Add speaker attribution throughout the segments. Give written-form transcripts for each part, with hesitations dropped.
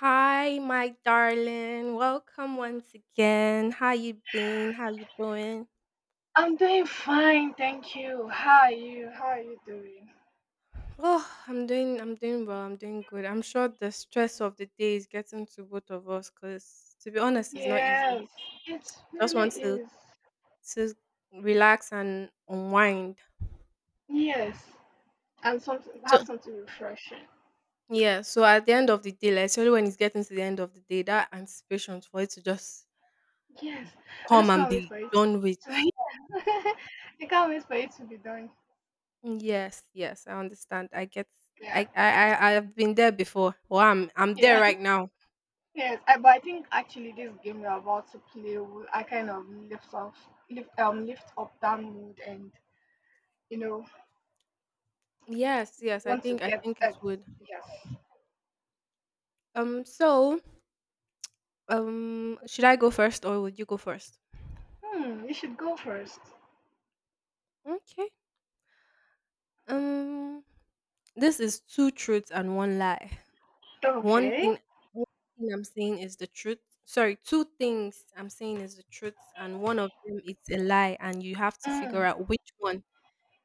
Speaker 1: Hi, my darling. Welcome once again. How you been? How you doing?
Speaker 2: I'm doing fine, thank you. How are you? How are you doing?
Speaker 1: Oh, I'm doing well. I'm doing good. I'm sure the stress of the day is getting to both of us cuz to be honest, it's not easy.
Speaker 2: Yes, it
Speaker 1: Just
Speaker 2: really
Speaker 1: want to
Speaker 2: is.
Speaker 1: to relax and unwind.
Speaker 2: Yes, and some
Speaker 1: So
Speaker 2: have something refreshing.
Speaker 1: Yeah, so at the end of the day, like, especially when it's getting to the end of the day, that anticipation for it to just
Speaker 2: Yes, I
Speaker 1: come
Speaker 2: just
Speaker 1: and
Speaker 2: can't wait
Speaker 1: be
Speaker 2: for it.
Speaker 1: done with.
Speaker 2: So yeah, I can't wait for it to be done.
Speaker 1: Yes, yes, I understand.
Speaker 2: Yeah,
Speaker 1: I've been there before. Well, I'm there
Speaker 2: yeah,
Speaker 1: right now.
Speaker 2: yes. I, but I think actually this game we're about to play will I kind of lift off, lift lift up that mood and you know
Speaker 1: Yes, yes,
Speaker 2: want to
Speaker 1: I
Speaker 2: get
Speaker 1: think it
Speaker 2: at
Speaker 1: would.
Speaker 2: yes.
Speaker 1: So, should I go first or would you go first?
Speaker 2: You should go first.
Speaker 1: Okay. Um this is two truths and one lie. One
Speaker 2: Okay.
Speaker 1: thing one thing I'm saying is the truth. Sorry, two things I'm saying is the truth and one of them is a lie and you have to
Speaker 2: Hmm.
Speaker 1: figure out which one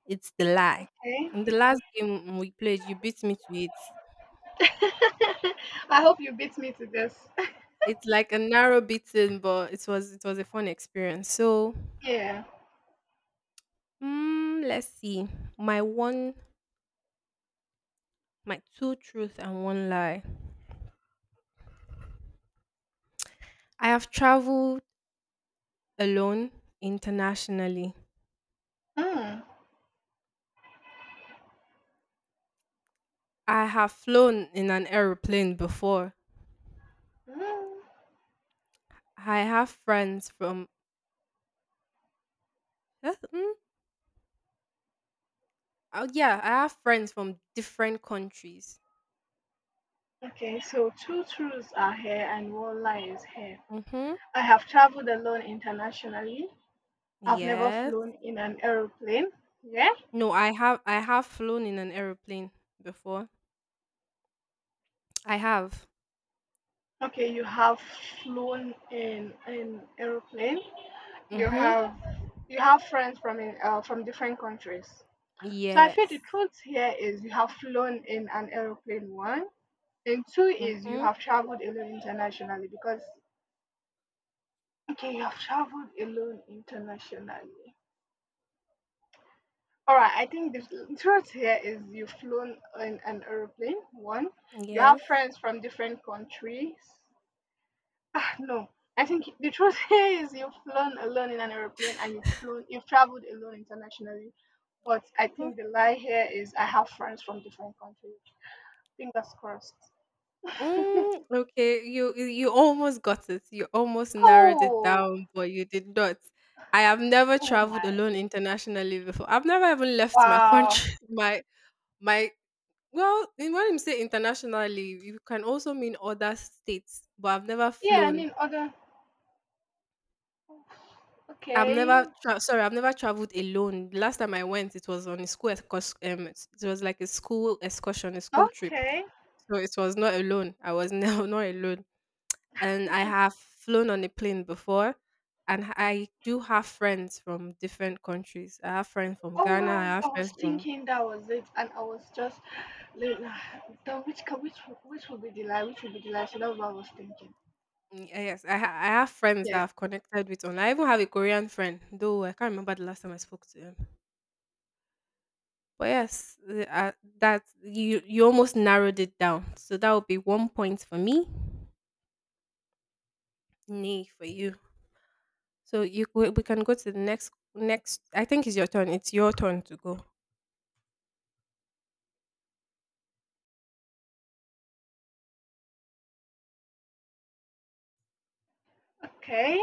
Speaker 1: it's the lie.
Speaker 2: Okay.
Speaker 1: In the last game we played, you beat me to it.
Speaker 2: I hope you beat me to this.
Speaker 1: It's like a narrow beating, but it was a fun experience. So
Speaker 2: Yeah.
Speaker 1: let's see. My one my two truth and one lie. I have traveled alone internationally.
Speaker 2: Hmm.
Speaker 1: I have flown in an aeroplane before.
Speaker 2: Hmm.
Speaker 1: I have friends from Huh? Mm? Oh, yeah, I have friends from different countries.
Speaker 2: Okay, so two truths are here and one lie is here.
Speaker 1: Mm-hmm.
Speaker 2: I have traveled alone internationally. I've never
Speaker 1: Yes.
Speaker 2: flown in an aeroplane. Yeah?
Speaker 1: No, I have flown in an aeroplane before. I have.
Speaker 2: Okay, you have flown in an aeroplane. You
Speaker 1: Mm-hmm.
Speaker 2: have you have friends from in, from different countries. So I feel the
Speaker 1: Yes.
Speaker 2: truth here is you have flown in an aeroplane once. And two is you
Speaker 1: Mhm.
Speaker 2: have traveled alone internationally because okay, you have traveled alone internationally. All right, I think the truth here is you've flown in an aeroplane. One, you have
Speaker 1: Yes.
Speaker 2: friends from different countries. Ah, no, I think the truth here is you've flown alone in an aeroplane and you've flown, you've traveled alone internationally. But I
Speaker 1: Mm,
Speaker 2: think the lie here is I have friends from different countries. Fingers crossed.
Speaker 1: okay, you almost got it. You almost narrowed it
Speaker 2: oh,
Speaker 1: down, but you did not. I have never
Speaker 2: oh my!
Speaker 1: traveled alone internationally before. I've never even left my
Speaker 2: Wow.
Speaker 1: country. My well, in When you say internationally, you can also mean other states, but I've never
Speaker 2: Yeah, I
Speaker 1: flown.
Speaker 2: mean, other. Okay.
Speaker 1: I've never traveled alone. The last time I went, it was on a school excurs- it was like a school excursion, a school trip.
Speaker 2: Okay.
Speaker 1: So it was not alone. I was now not alone. And I have flown on a plane before. And I do have friends from different countries. I have friends from
Speaker 2: Oh
Speaker 1: Ghana. I
Speaker 2: wow! I
Speaker 1: have
Speaker 2: was
Speaker 1: friends from
Speaker 2: thinking that was it, and I was just, like, ah, the which co- which would be the lie? Which would be the lie? So that's what I was thinking.
Speaker 1: Yes. I have friends that
Speaker 2: Yeah.
Speaker 1: I've connected with online. I even have a Korean friend, though I can't remember the last time I spoke to him. But yes, that you almost narrowed it down. So that would be one point for me, nay for you. So you we can go to the next. I think it's your turn. It's your turn to go.
Speaker 2: Okay.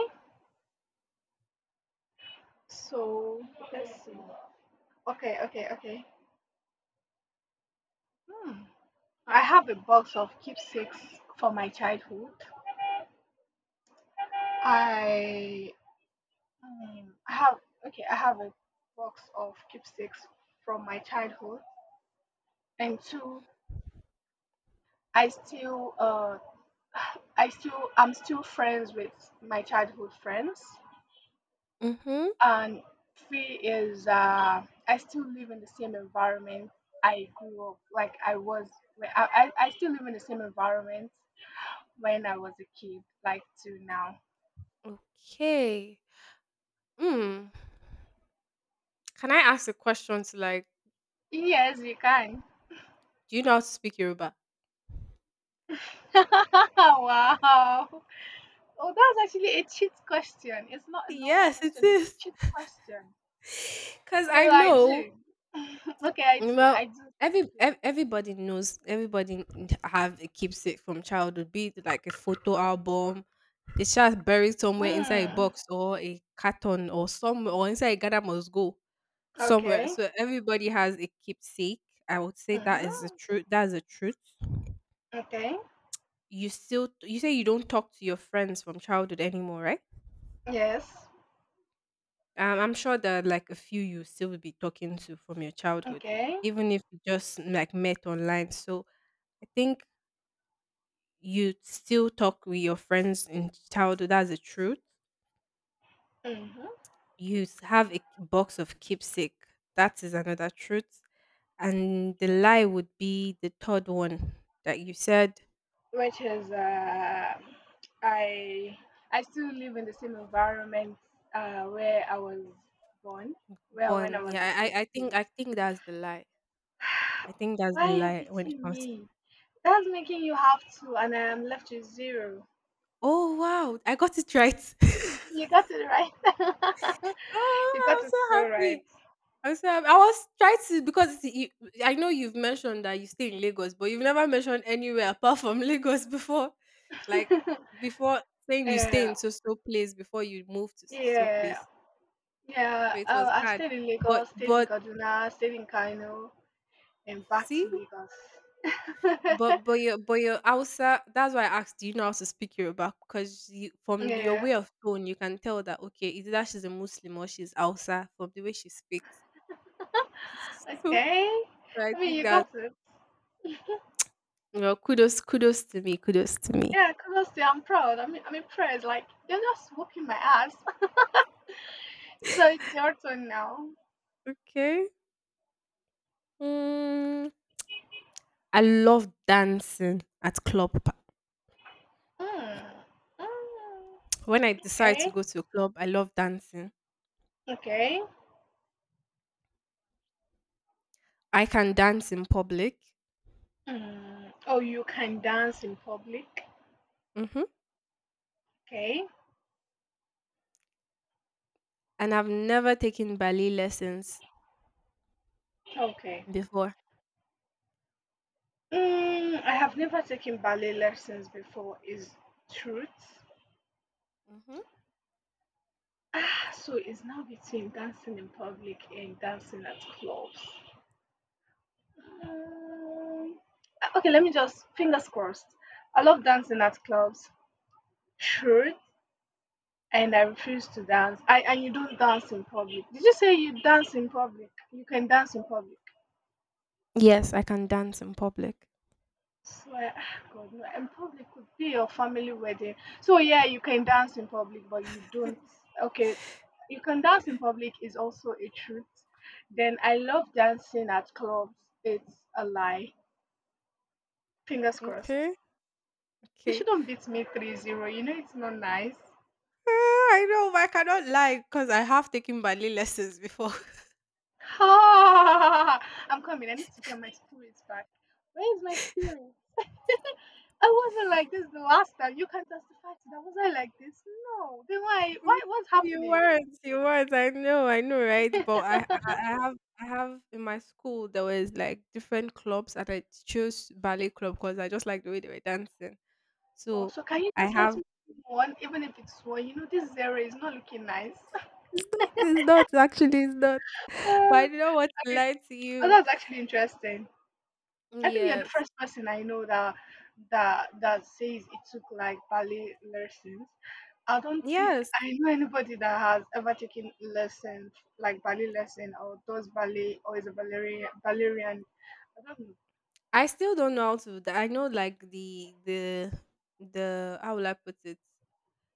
Speaker 2: So let's see. Okay. Okay. Okay. Hmm. I have a box of keepsakes from my childhood. I I have okay. I have a box of keepsakes from my childhood, and two, I still uh I still I'm still friends with my childhood friends,
Speaker 1: Mhm.
Speaker 2: and three is I still live in the same environment I grew up. Like I was, I still live in the same environment when I was a kid, like to now.
Speaker 1: Okay. Hmm. Can I ask a question to like,
Speaker 2: Yes, you can.
Speaker 1: do you know how to speak Yoruba?
Speaker 2: wow. Oh, that's actually a cheat question. It's not a normal
Speaker 1: Yes, it
Speaker 2: question. It's a
Speaker 1: is.
Speaker 2: cheat question.
Speaker 1: Cause I
Speaker 2: Well, I
Speaker 1: know
Speaker 2: do. okay, I do.
Speaker 1: well
Speaker 2: I do speak
Speaker 1: everybody knows everybody have a keepsake from childhood, be it like a photo album, the child buried somewhere inside a
Speaker 2: Yoruba.
Speaker 1: box or a carton or somewhere or inside a gather must go
Speaker 2: Hmm.
Speaker 1: somewhere.
Speaker 2: Okay.
Speaker 1: So everybody has a keepsake. I would say that
Speaker 2: Mhm.
Speaker 1: is the truth. That's the truth.
Speaker 2: Okay.
Speaker 1: You say you don't talk to your friends from childhood anymore, right?
Speaker 2: Yes.
Speaker 1: I'm sure there are like a few you still will be talking to from your childhood,
Speaker 2: Okay.
Speaker 1: even if you just like met online. So I think you still talk with your friends in childhood. That's the truth.
Speaker 2: Mhm.
Speaker 1: Have a box of keepsake. That is another truth. And the lie would be the third one that you said.
Speaker 2: Which is I I still live in the same environment where I was born, where when I
Speaker 1: Born. Yeah,
Speaker 2: was a kid.
Speaker 1: I
Speaker 2: You
Speaker 1: think
Speaker 2: know.
Speaker 1: that's the lie. I think that's
Speaker 2: Why
Speaker 1: the
Speaker 2: are you
Speaker 1: lie when it
Speaker 2: beating
Speaker 1: comes.
Speaker 2: me? That's making you have two, and I am left with zero.
Speaker 1: Oh wow, I got it right.
Speaker 2: You got it right. you
Speaker 1: Oh, I'm
Speaker 2: got it so
Speaker 1: so
Speaker 2: right.
Speaker 1: happy. I was trying to because you, I know you've mentioned that you stay in Lagos, but you've never mentioned anywhere apart from Lagos before. Like before saying you stay
Speaker 2: yeah,
Speaker 1: in so so place before you move to so so
Speaker 2: yeah,
Speaker 1: place.
Speaker 2: yeah.
Speaker 1: So it was
Speaker 2: I
Speaker 1: hard.
Speaker 2: stayed in Lagos, stayed in
Speaker 1: But
Speaker 2: Kaduna, stayed in Kano. And back to
Speaker 1: see,
Speaker 2: Lagos.
Speaker 1: but your Hausa. That's why I asked. Do you know how to speak Yoruba? Because you, from your
Speaker 2: yeah.
Speaker 1: way of tone, you can tell that okay, either that she's a Muslim or she's Hausa from the way she speaks. So,
Speaker 2: Okay.
Speaker 1: so I
Speaker 2: I mean,
Speaker 1: think
Speaker 2: you
Speaker 1: that
Speaker 2: got it.
Speaker 1: you know, kudos to me, kudos to me.
Speaker 2: Yeah, honestly, I'm proud. I mean, I'm impressed. Like, you're just whooping my ass. so it's your turn now.
Speaker 1: Okay. Mm, I love dancing at club.
Speaker 2: Mm. Mm.
Speaker 1: When I decide to
Speaker 2: Okay.
Speaker 1: go to a club, I love dancing.
Speaker 2: Okay.
Speaker 1: I can dance in public.
Speaker 2: Mm. Oh, you can dance in public.
Speaker 1: Hmm.
Speaker 2: Okay.
Speaker 1: And I've never taken ballet lessons
Speaker 2: Okay.
Speaker 1: before.
Speaker 2: Mm, I have never taken ballet lessons before, is truth.
Speaker 1: Hmm.
Speaker 2: Ah, so it's now between dancing in public and dancing at clubs. Mm, okay, let me just fingers crossed. I love dancing at clubs. Truth, and I refuse to dance. I and you don't dance in public. Did you say you dance in public? You can dance in public.
Speaker 1: Yes, I can dance in public.
Speaker 2: Swear, ah, God, no. In public could be your family wedding. So yeah, you can dance in public, but you don't. Okay, you can dance in public is also a truth. Then I love dancing at clubs. It's a lie. Fingers crossed.
Speaker 1: Okay.
Speaker 2: You
Speaker 1: Okay.
Speaker 2: shouldn't beat me 3-0. You know it's not nice.
Speaker 1: Uh, I know, but I cannot lie because I have taken ballet lessons before.
Speaker 2: I'm coming. I need to get my spirits back. Where is my spirit? I wasn't like this the last time. You can testify to that. Was I like this? No. Then why?
Speaker 1: Mm,
Speaker 2: Why? What's
Speaker 1: You
Speaker 2: happening?
Speaker 1: weren't, you weren't. I know, right? But I I have in my school there was like different clubs, and I chose ballet club because I just like the way they were dancing.
Speaker 2: Oh,
Speaker 1: So
Speaker 2: so can you
Speaker 1: I
Speaker 2: just let
Speaker 1: have.
Speaker 2: me win one, even if it's one? You know this zero is not looking nice.
Speaker 1: It's not. It's not actually. It's not. But
Speaker 2: Oh,
Speaker 1: I do not want to
Speaker 2: okay.
Speaker 1: lie to
Speaker 2: Oh,
Speaker 1: you.
Speaker 2: that's actually interesting. I think you're the
Speaker 1: Yes,
Speaker 2: first person I know that that says it took like ballet lessons. I don't think
Speaker 1: yes.
Speaker 2: I know anybody that has ever taken lessons like ballet lesson or does ballet or is a ballerina. Ballerian. I don't know.
Speaker 1: I still don't know how to. I know like the how will I put it?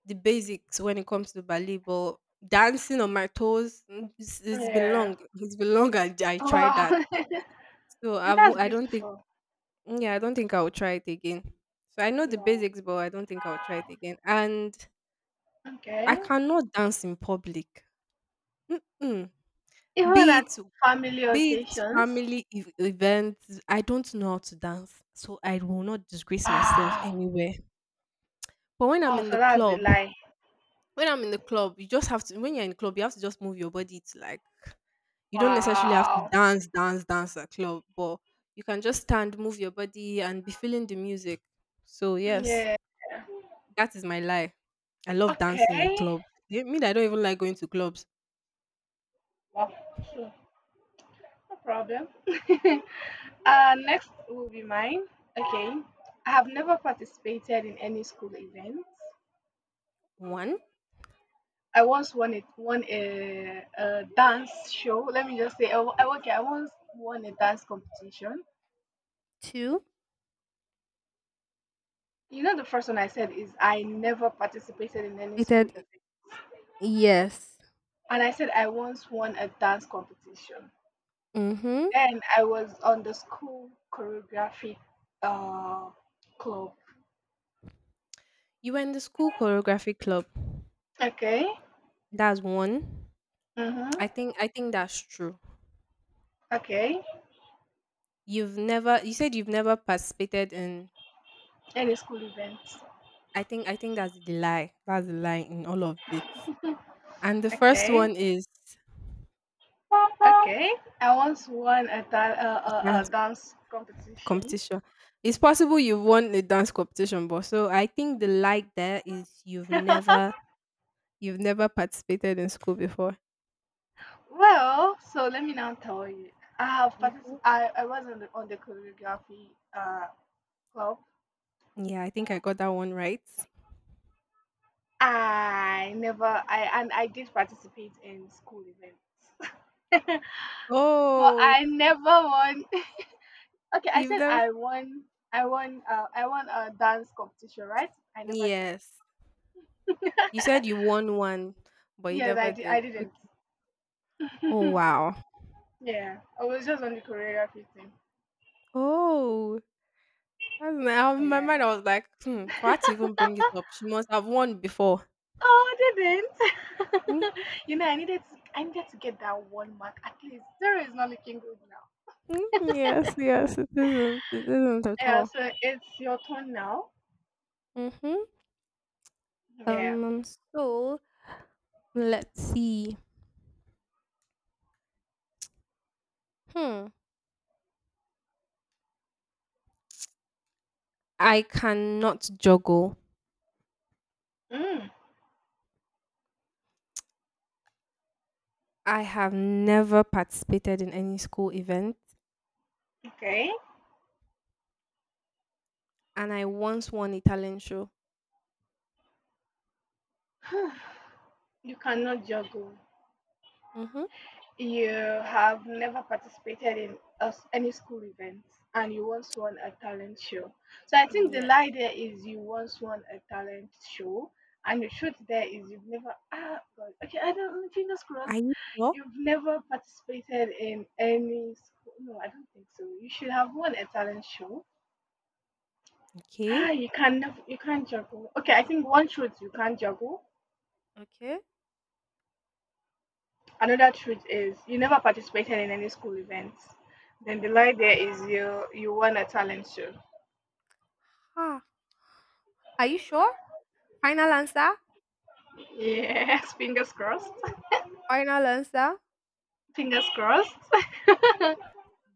Speaker 1: The basics when it comes to ballet, but dancing on my toes, it's been
Speaker 2: Yeah.
Speaker 1: long. It's been long. I tried
Speaker 2: Wow.
Speaker 1: that, so
Speaker 2: That's
Speaker 1: I don't think.
Speaker 2: beautiful.
Speaker 1: Yeah, I don't think I will try it again. So I know the
Speaker 2: Wow.
Speaker 1: basics, but I don't think I will try it again. And I
Speaker 2: Okay.
Speaker 1: cannot dance in public. Mm-mm.
Speaker 2: Even
Speaker 1: Be
Speaker 2: at
Speaker 1: it
Speaker 2: family
Speaker 1: be it
Speaker 2: occasions.
Speaker 1: family events, I don't know how to dance, so I will not disgrace myself
Speaker 2: Wow.
Speaker 1: anywhere. But when I'm
Speaker 2: Oh,
Speaker 1: in the
Speaker 2: so that's the
Speaker 1: club,
Speaker 2: lie.
Speaker 1: When I'm in the club, you just have to when you're in club, you have to just move your body to like you don't necessarily have to
Speaker 2: Wow.
Speaker 1: dance at club, but you can just stand, move your body and be feeling the music. So yes,
Speaker 2: Yeah.
Speaker 1: that is my lie. I love dancing at
Speaker 2: Okay.
Speaker 1: clubs. You mean I don't even like going to clubs.
Speaker 2: Wow. So no problem. Next will be mine. Okay. I have never participated in any school events.
Speaker 1: One,
Speaker 2: I once won it won a dance show. Let me just say, oh, I- okay, I once won a dance competition.
Speaker 1: two.
Speaker 2: You know, the first one I said is I never participated in any school
Speaker 1: Stated
Speaker 2: event,
Speaker 1: yes.
Speaker 2: and I said I once won a dance competition.
Speaker 1: Mm-hmm.
Speaker 2: Then I was on the school choreography uh, club.
Speaker 1: You were in the school choreography club.
Speaker 2: Okay.
Speaker 1: That's one.
Speaker 2: Mm-hmm.
Speaker 1: I think that's true.
Speaker 2: Okay.
Speaker 1: You said you've never participated in
Speaker 2: Any school events.
Speaker 1: I think that's the lie. That's the lie in all of it. And the first
Speaker 2: Okay.
Speaker 1: one is
Speaker 2: Okay. I once won a, da- a
Speaker 1: dance
Speaker 2: dance competition.
Speaker 1: competition. It's possible you've won a dance competition, but so I think the lie there is you've never participated in school before.
Speaker 2: well, so let me now tell you. I have
Speaker 1: Mhm.
Speaker 2: particip- I was on the choreography uh, club.
Speaker 1: Yeah, I think I got that one right.
Speaker 2: I never I and I did participate in school events. But
Speaker 1: Oh,
Speaker 2: I never won. Okay, I
Speaker 1: you've
Speaker 2: said
Speaker 1: never?
Speaker 2: I won. I won. I won a dance competition, right? I never did.
Speaker 1: Yes. You said you won one, but you
Speaker 2: Yes, I
Speaker 1: never
Speaker 2: did.
Speaker 1: did.
Speaker 2: I didn't.
Speaker 1: Okay. Oh, wow.
Speaker 2: Yeah, I was just on the choreography thing.
Speaker 1: Oh, in my mind,
Speaker 2: Yeah.
Speaker 1: I was like, hmm, for her to even bring it up, she must have won before.
Speaker 2: Oh, I didn't. you know, I needed to get that one mark at least. Zero is not looking good now.
Speaker 1: Yes, yes, it isn't. It isn't at
Speaker 2: Yeah,
Speaker 1: all.
Speaker 2: so it's your turn now.
Speaker 1: Mm-hmm.
Speaker 2: Yeah.
Speaker 1: Um, so let's see. Hmm. I cannot juggle.
Speaker 2: Mm,
Speaker 1: I have never participated in any school event,
Speaker 2: okay.
Speaker 1: and I once won a talent show.
Speaker 2: you cannot juggle.
Speaker 1: Mm-hmm.
Speaker 2: You have never participated in a s any school event and you once won a talent show. So I think the
Speaker 1: Yes.
Speaker 2: lie there is you once won a talent show, and the truth there is you've never ah God okay I don't know, fingers
Speaker 1: Are
Speaker 2: crossed
Speaker 1: you sure?
Speaker 2: you've never participated in any school. No, I don't think so. You should have won a talent show.
Speaker 1: Okay.
Speaker 2: Ah, you can't juggle. Okay, I think one truth you can't juggle.
Speaker 1: Okay.
Speaker 2: Another truth is you never participated in any school events. Then the lie there is you won a talent show.
Speaker 1: Ah. Are you sure? Final answer?
Speaker 2: Yes, fingers crossed.
Speaker 1: Final answer?
Speaker 2: Fingers crossed.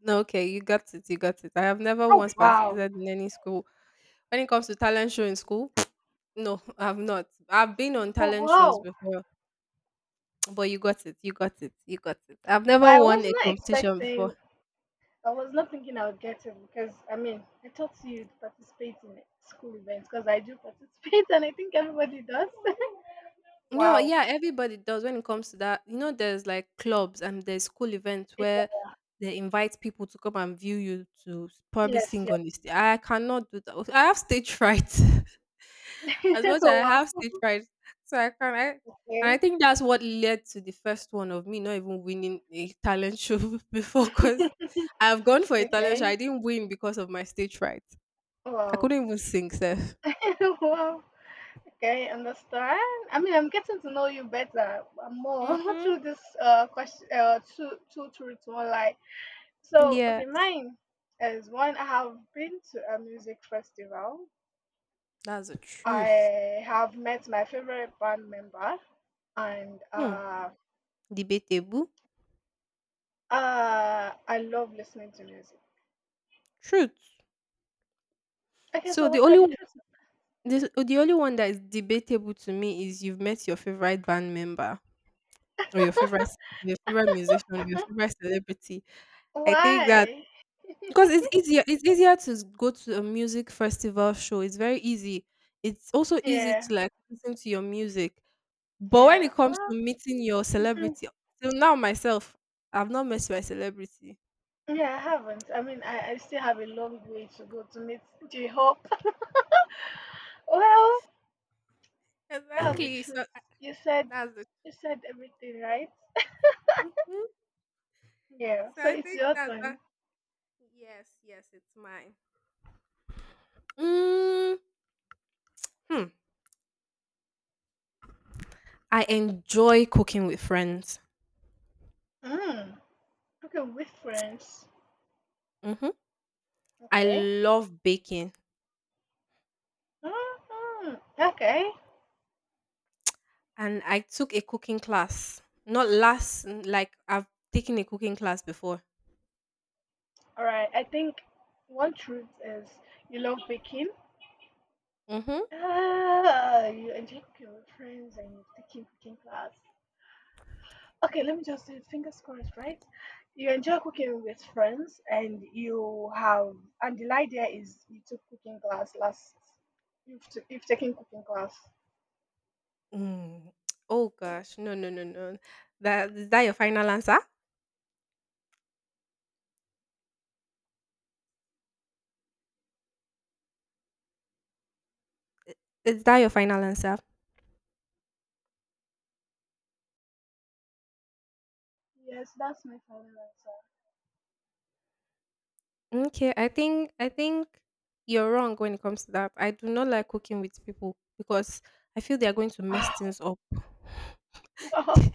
Speaker 1: No, okay, you got it. You got it. I have never
Speaker 2: Oh
Speaker 1: once
Speaker 2: wow,
Speaker 1: participated in any school. When it comes to talent show in school, no, I've not. I've been on
Speaker 2: for
Speaker 1: talent shows
Speaker 2: wow!
Speaker 1: before, but you got it. You got it. You got it. I've
Speaker 2: But
Speaker 1: never
Speaker 2: I
Speaker 1: won
Speaker 2: was
Speaker 1: a
Speaker 2: not
Speaker 1: competition before.
Speaker 2: expecting. I was not thinking I would get it because I mean I thought you'd participate in school events because I do participate and I think everybody does.
Speaker 1: No,
Speaker 2: wow.
Speaker 1: yeah, everybody does when it comes to that. You know, there's like clubs and there's school events where they invite people to come and view you to probably
Speaker 2: Yes.
Speaker 1: sing
Speaker 2: Yeah.
Speaker 1: on the stage. I cannot do that. I have stage fright. As much as I
Speaker 2: wow.
Speaker 1: have stage fright, so I can I and
Speaker 2: Okay.
Speaker 1: I think that's what led to the first one of me not even winning a talent show before because I've gone for a talent show.
Speaker 2: Okay.
Speaker 1: I didn't win because of my stage fright. I
Speaker 2: Wow.
Speaker 1: couldn't even sing, Seth.
Speaker 2: wow. Okay, understand. I mean, I'm getting to know you better more
Speaker 1: Mm-hmm.
Speaker 2: through this question two truths one lie. So
Speaker 1: Yeah.
Speaker 2: okay, mine is one. I have been to a music festival.
Speaker 1: That's the truth.
Speaker 2: I have met my favorite band member, and
Speaker 1: Hmm. Debatable?
Speaker 2: I love listening to music.
Speaker 1: Truth.
Speaker 2: Okay,
Speaker 1: So
Speaker 2: so what are the truths?
Speaker 1: the only one that is debatable to me is you've met your favorite band member or your favorite musician or your favorite celebrity. I think that
Speaker 2: Why?
Speaker 1: because it's easier to go to a music festival show. It's very easy. It's also easy
Speaker 2: Yeah,
Speaker 1: to like listen to your music. But when
Speaker 2: yeah.
Speaker 1: it comes to meeting your
Speaker 2: Well,
Speaker 1: celebrity, till now myself, I've not met my celebrity.
Speaker 2: yeah, I haven't. I mean, I still have a long way to go to meet the hope. Well, that's the
Speaker 1: Exactly. So
Speaker 2: truth. You said
Speaker 1: that's the.
Speaker 2: you said everything, right?
Speaker 1: Mhm.
Speaker 2: Yeah.
Speaker 1: So
Speaker 2: So
Speaker 1: I
Speaker 2: it's
Speaker 1: think
Speaker 2: your
Speaker 1: that.
Speaker 2: turn.
Speaker 1: Yes, yes, it's mine. Mm, hmm. I enjoy cooking with friends.
Speaker 2: Mm. Okay, with friends.
Speaker 1: Hmm. I
Speaker 2: Okay.
Speaker 1: love baking,
Speaker 2: Mm-hmm. Okay.
Speaker 1: and I took a cooking class. Not last, mm, like I've taken a cooking class before.
Speaker 2: All right. I think one truth is you love baking.
Speaker 1: Hmm.
Speaker 2: Ah, you enjoy cooking with friends and you've taken cooking class. Okay, let me just say fingers crossed, right? You enjoy cooking with friends and you have and the idea is you've taken cooking class.
Speaker 1: Mm. Oh gosh, no, no, no, no. That is that your final answer? Is that your final answer?
Speaker 2: Yes, that's my final
Speaker 1: Okay, I think you're wrong when it comes to that. I do not like cooking with people because I feel they are going to
Speaker 2: answer.
Speaker 1: mess things up.
Speaker 2: Ah, wow,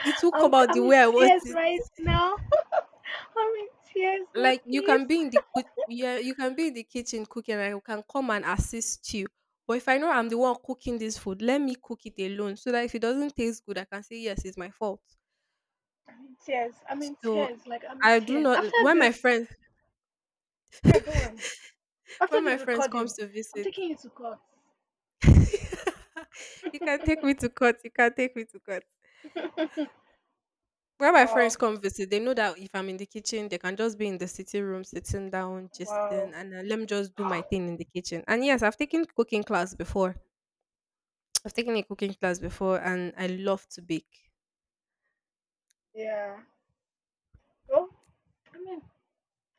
Speaker 1: It will come out the
Speaker 2: I'm in
Speaker 1: way I want
Speaker 2: tears
Speaker 1: it.
Speaker 2: right now. I'm in tears. God,
Speaker 1: Like, you
Speaker 2: please.
Speaker 1: can be in the you can be in the kitchen cooking, and I can come and assist you. But if I know I'm the one cooking this food, let me cook it alone so that if it doesn't taste good, I can say, "Yes, it's my fault."
Speaker 2: I'm in tears. I'm in
Speaker 1: So,
Speaker 2: tears. Like I'm in
Speaker 1: I do
Speaker 2: tears. After
Speaker 1: not when my
Speaker 2: this,
Speaker 1: friends
Speaker 2: no, go on. After
Speaker 1: When
Speaker 2: this
Speaker 1: my friends
Speaker 2: recording,
Speaker 1: comes to
Speaker 2: I'm
Speaker 1: visit.
Speaker 2: taking you to court.
Speaker 1: You can take me to court, you can take me to court. When my friends
Speaker 2: wow,
Speaker 1: come visit, they know that if I'm in the kitchen, they can just be in the sitting room, sitting down, just and
Speaker 2: wow.
Speaker 1: then let me just do my thing in the kitchen. And yes, I've taken cooking class before. I've taken a cooking class before and I love to bake.
Speaker 2: Yeah. Well, I mean,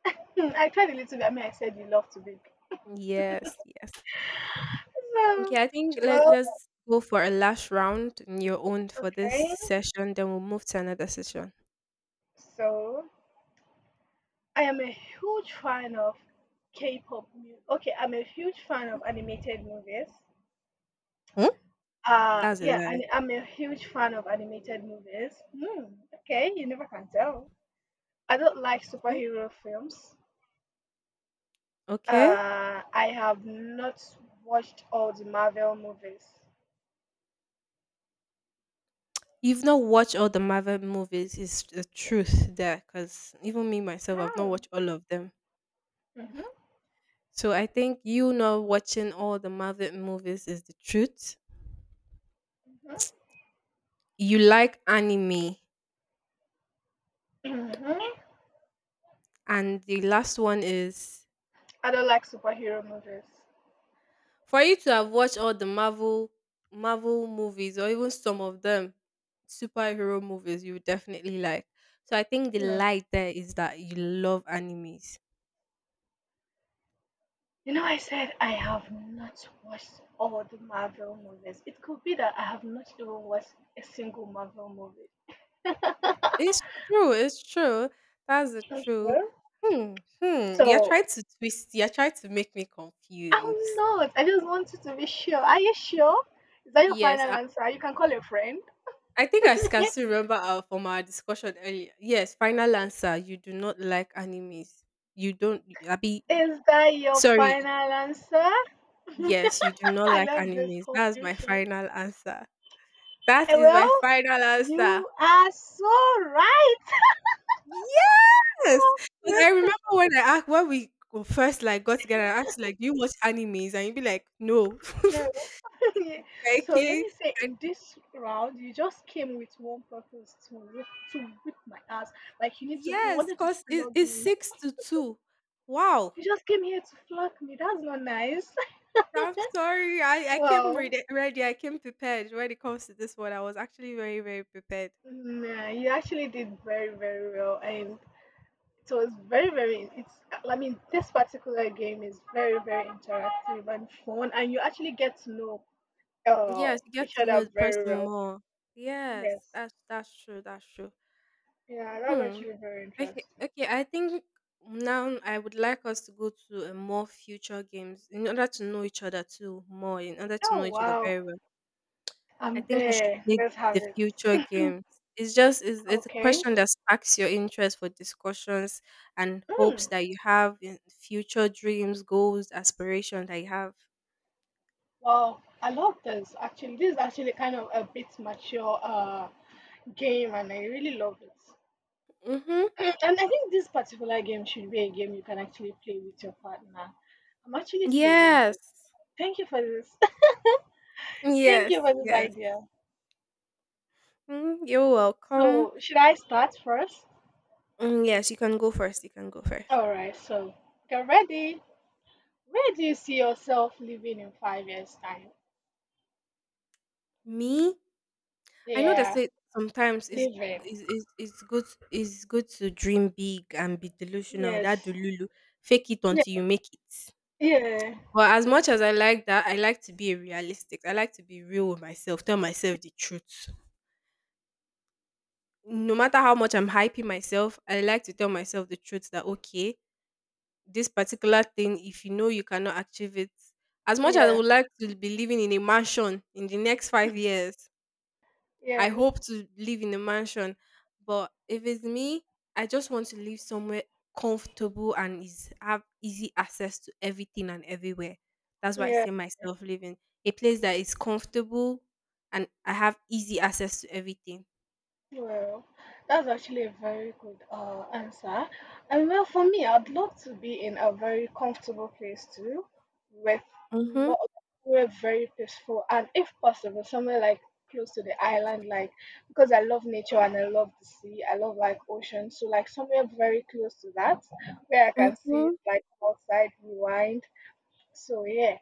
Speaker 2: I tried a little bit. I mean, I said you love to bake.
Speaker 1: Yes, yes.
Speaker 2: So,
Speaker 1: Okay, I think
Speaker 2: well,
Speaker 1: let's go for a last round in your own for this
Speaker 2: okay.
Speaker 1: session, then we'll move to another session.
Speaker 2: So. I am a huge fan of K-pop music. Okay, I'm a huge fan of animated movies.
Speaker 1: Hmm? That's a
Speaker 2: Yeah,
Speaker 1: lie.
Speaker 2: and I'm a huge fan of animated movies. Hmm, okay, you never can tell. I don't like
Speaker 1: Okay.
Speaker 2: superhero films.
Speaker 1: Okay.
Speaker 2: I have not watched all the Marvel movies.
Speaker 1: You've not watched all the Marvel movies, is the truth there, because even me myself, I've not
Speaker 2: Oh.
Speaker 1: watched all of them.
Speaker 2: hmm
Speaker 1: So I think you not watching all the Marvel movies is the truth. You like anime.
Speaker 2: hmm
Speaker 1: And the last one is,
Speaker 2: I don't like superhero movies.
Speaker 1: for you to have watched all the Marvel movies or even some of them, superhero movies you would definitely like. So I think the
Speaker 2: Hmm.
Speaker 1: light there is that you love animes.
Speaker 2: You know, I said I have not watched all the Marvel movies. It could be that I have not even watched a single Marvel movie.
Speaker 1: It's true, it's true. That's the
Speaker 2: Okay.
Speaker 1: truth. Hmm. You're
Speaker 2: So
Speaker 1: trying to twist, you're trying to make me
Speaker 2: I'm
Speaker 1: confused.
Speaker 2: not. I just want you to be sure. Are you sure? Is that your
Speaker 1: Yes,
Speaker 2: final
Speaker 1: I,
Speaker 2: answer? You can call a friend.
Speaker 1: I think I can still remember from our discussion earlier. Yes, final answer. You do not like animes. You don't, Abby.
Speaker 2: Is that your
Speaker 1: Sorry,
Speaker 2: final answer? I
Speaker 1: yes, you do not like
Speaker 2: love this
Speaker 1: animes. That's my
Speaker 2: confusion.
Speaker 1: final answer. That
Speaker 2: Eh,
Speaker 1: is my
Speaker 2: well,
Speaker 1: final answer.
Speaker 2: you are so right.
Speaker 1: Yes, because I remember when I asked when we first like got together, I asked like, "Do you watch animes?" And you'd be like, "No."
Speaker 2: No. Yeah. So let
Speaker 1: Okay.
Speaker 2: me say in this round, you just came with one purpose to whip my ass. Like you
Speaker 1: Yes,
Speaker 2: wanted to
Speaker 1: cause
Speaker 2: flog
Speaker 1: it's
Speaker 2: me.
Speaker 1: six to two. Wow.
Speaker 2: You just came here to flog me. That's not nice.
Speaker 1: I'm sorry. I came
Speaker 2: Well,
Speaker 1: ready, ready. I came prepared when it comes to this one. I was actually very very prepared.
Speaker 2: nah, you actually did very, very well, and it was very, very. It's. I mean, this particular game is very, very interactive and fun, and you actually get to know uh,
Speaker 1: Yes, you get
Speaker 2: each
Speaker 1: to
Speaker 2: other
Speaker 1: know the
Speaker 2: very
Speaker 1: person
Speaker 2: well.
Speaker 1: more. Yes,
Speaker 2: Yes.
Speaker 1: that's true. That's true.
Speaker 2: Yeah, that's
Speaker 1: Hmm.
Speaker 2: actually very
Speaker 1: Okay.
Speaker 2: interesting.
Speaker 1: Okay. I think now I would like us to go to a more future games in order to know each other too more. In order to
Speaker 2: Oh
Speaker 1: know each other
Speaker 2: wow.
Speaker 1: very well, I
Speaker 2: I'm
Speaker 1: think we should
Speaker 2: there.
Speaker 1: play
Speaker 2: Let's have
Speaker 1: the
Speaker 2: it.
Speaker 1: future games. It's a
Speaker 2: Okay.
Speaker 1: question that sparks your interest for discussions and hopes
Speaker 2: Mm.
Speaker 1: that you have in future dreams, goals, aspirations that you have.
Speaker 2: Wow. I love this. Actually, this is actually kind of a bit mature game, and I really love it.
Speaker 1: Mm-hmm.
Speaker 2: And I think this particular game should be a game you can actually play with your partner. I'm actually saving this.
Speaker 1: Yes.
Speaker 2: Thank you for this. Thank you
Speaker 1: Yes.
Speaker 2: for this
Speaker 1: Yes.
Speaker 2: idea.
Speaker 1: Mm, you're welcome.
Speaker 2: So, should I start first?
Speaker 1: Mm, yes, you can go first. You can go first.
Speaker 2: All right. So, get ready. Where do you see yourself living in 5 years' time?
Speaker 1: Me? I know they
Speaker 2: Yeah,
Speaker 1: say sometimes
Speaker 2: living.
Speaker 1: it's is it's good it's good to dream big and be delusional. That
Speaker 2: Yes.
Speaker 1: delulu, fake it
Speaker 2: Yeah.
Speaker 1: until you make it.
Speaker 2: Yeah.
Speaker 1: But as much as I like that, I like to be a realistic. I like to be real with myself. Tell myself the truth. No matter how much I'm hyping myself, I like to tell myself the truth that okay, this particular thing, if you know you cannot achieve it, as much as I
Speaker 2: Yeah,
Speaker 1: would like to be living in a mansion in the next 5 years, I
Speaker 2: yeah,
Speaker 1: hope to live in a mansion, but if it's me, I just want to live somewhere comfortable and is have easy access to everything and everywhere. That's why I
Speaker 2: yeah.
Speaker 1: say myself living a place that is comfortable and I have easy access to everything.
Speaker 2: Well, that's actually a very good answer. And well, for me, I'd love to be in a very comfortable place too, with
Speaker 1: Mhm.
Speaker 2: lot where very peaceful and if possible, somewhere like close to the island, like because I love nature and I love the sea, I love like ocean, so like somewhere very close to that where I can see
Speaker 1: Mhm.
Speaker 2: like outside rewind. So yeah,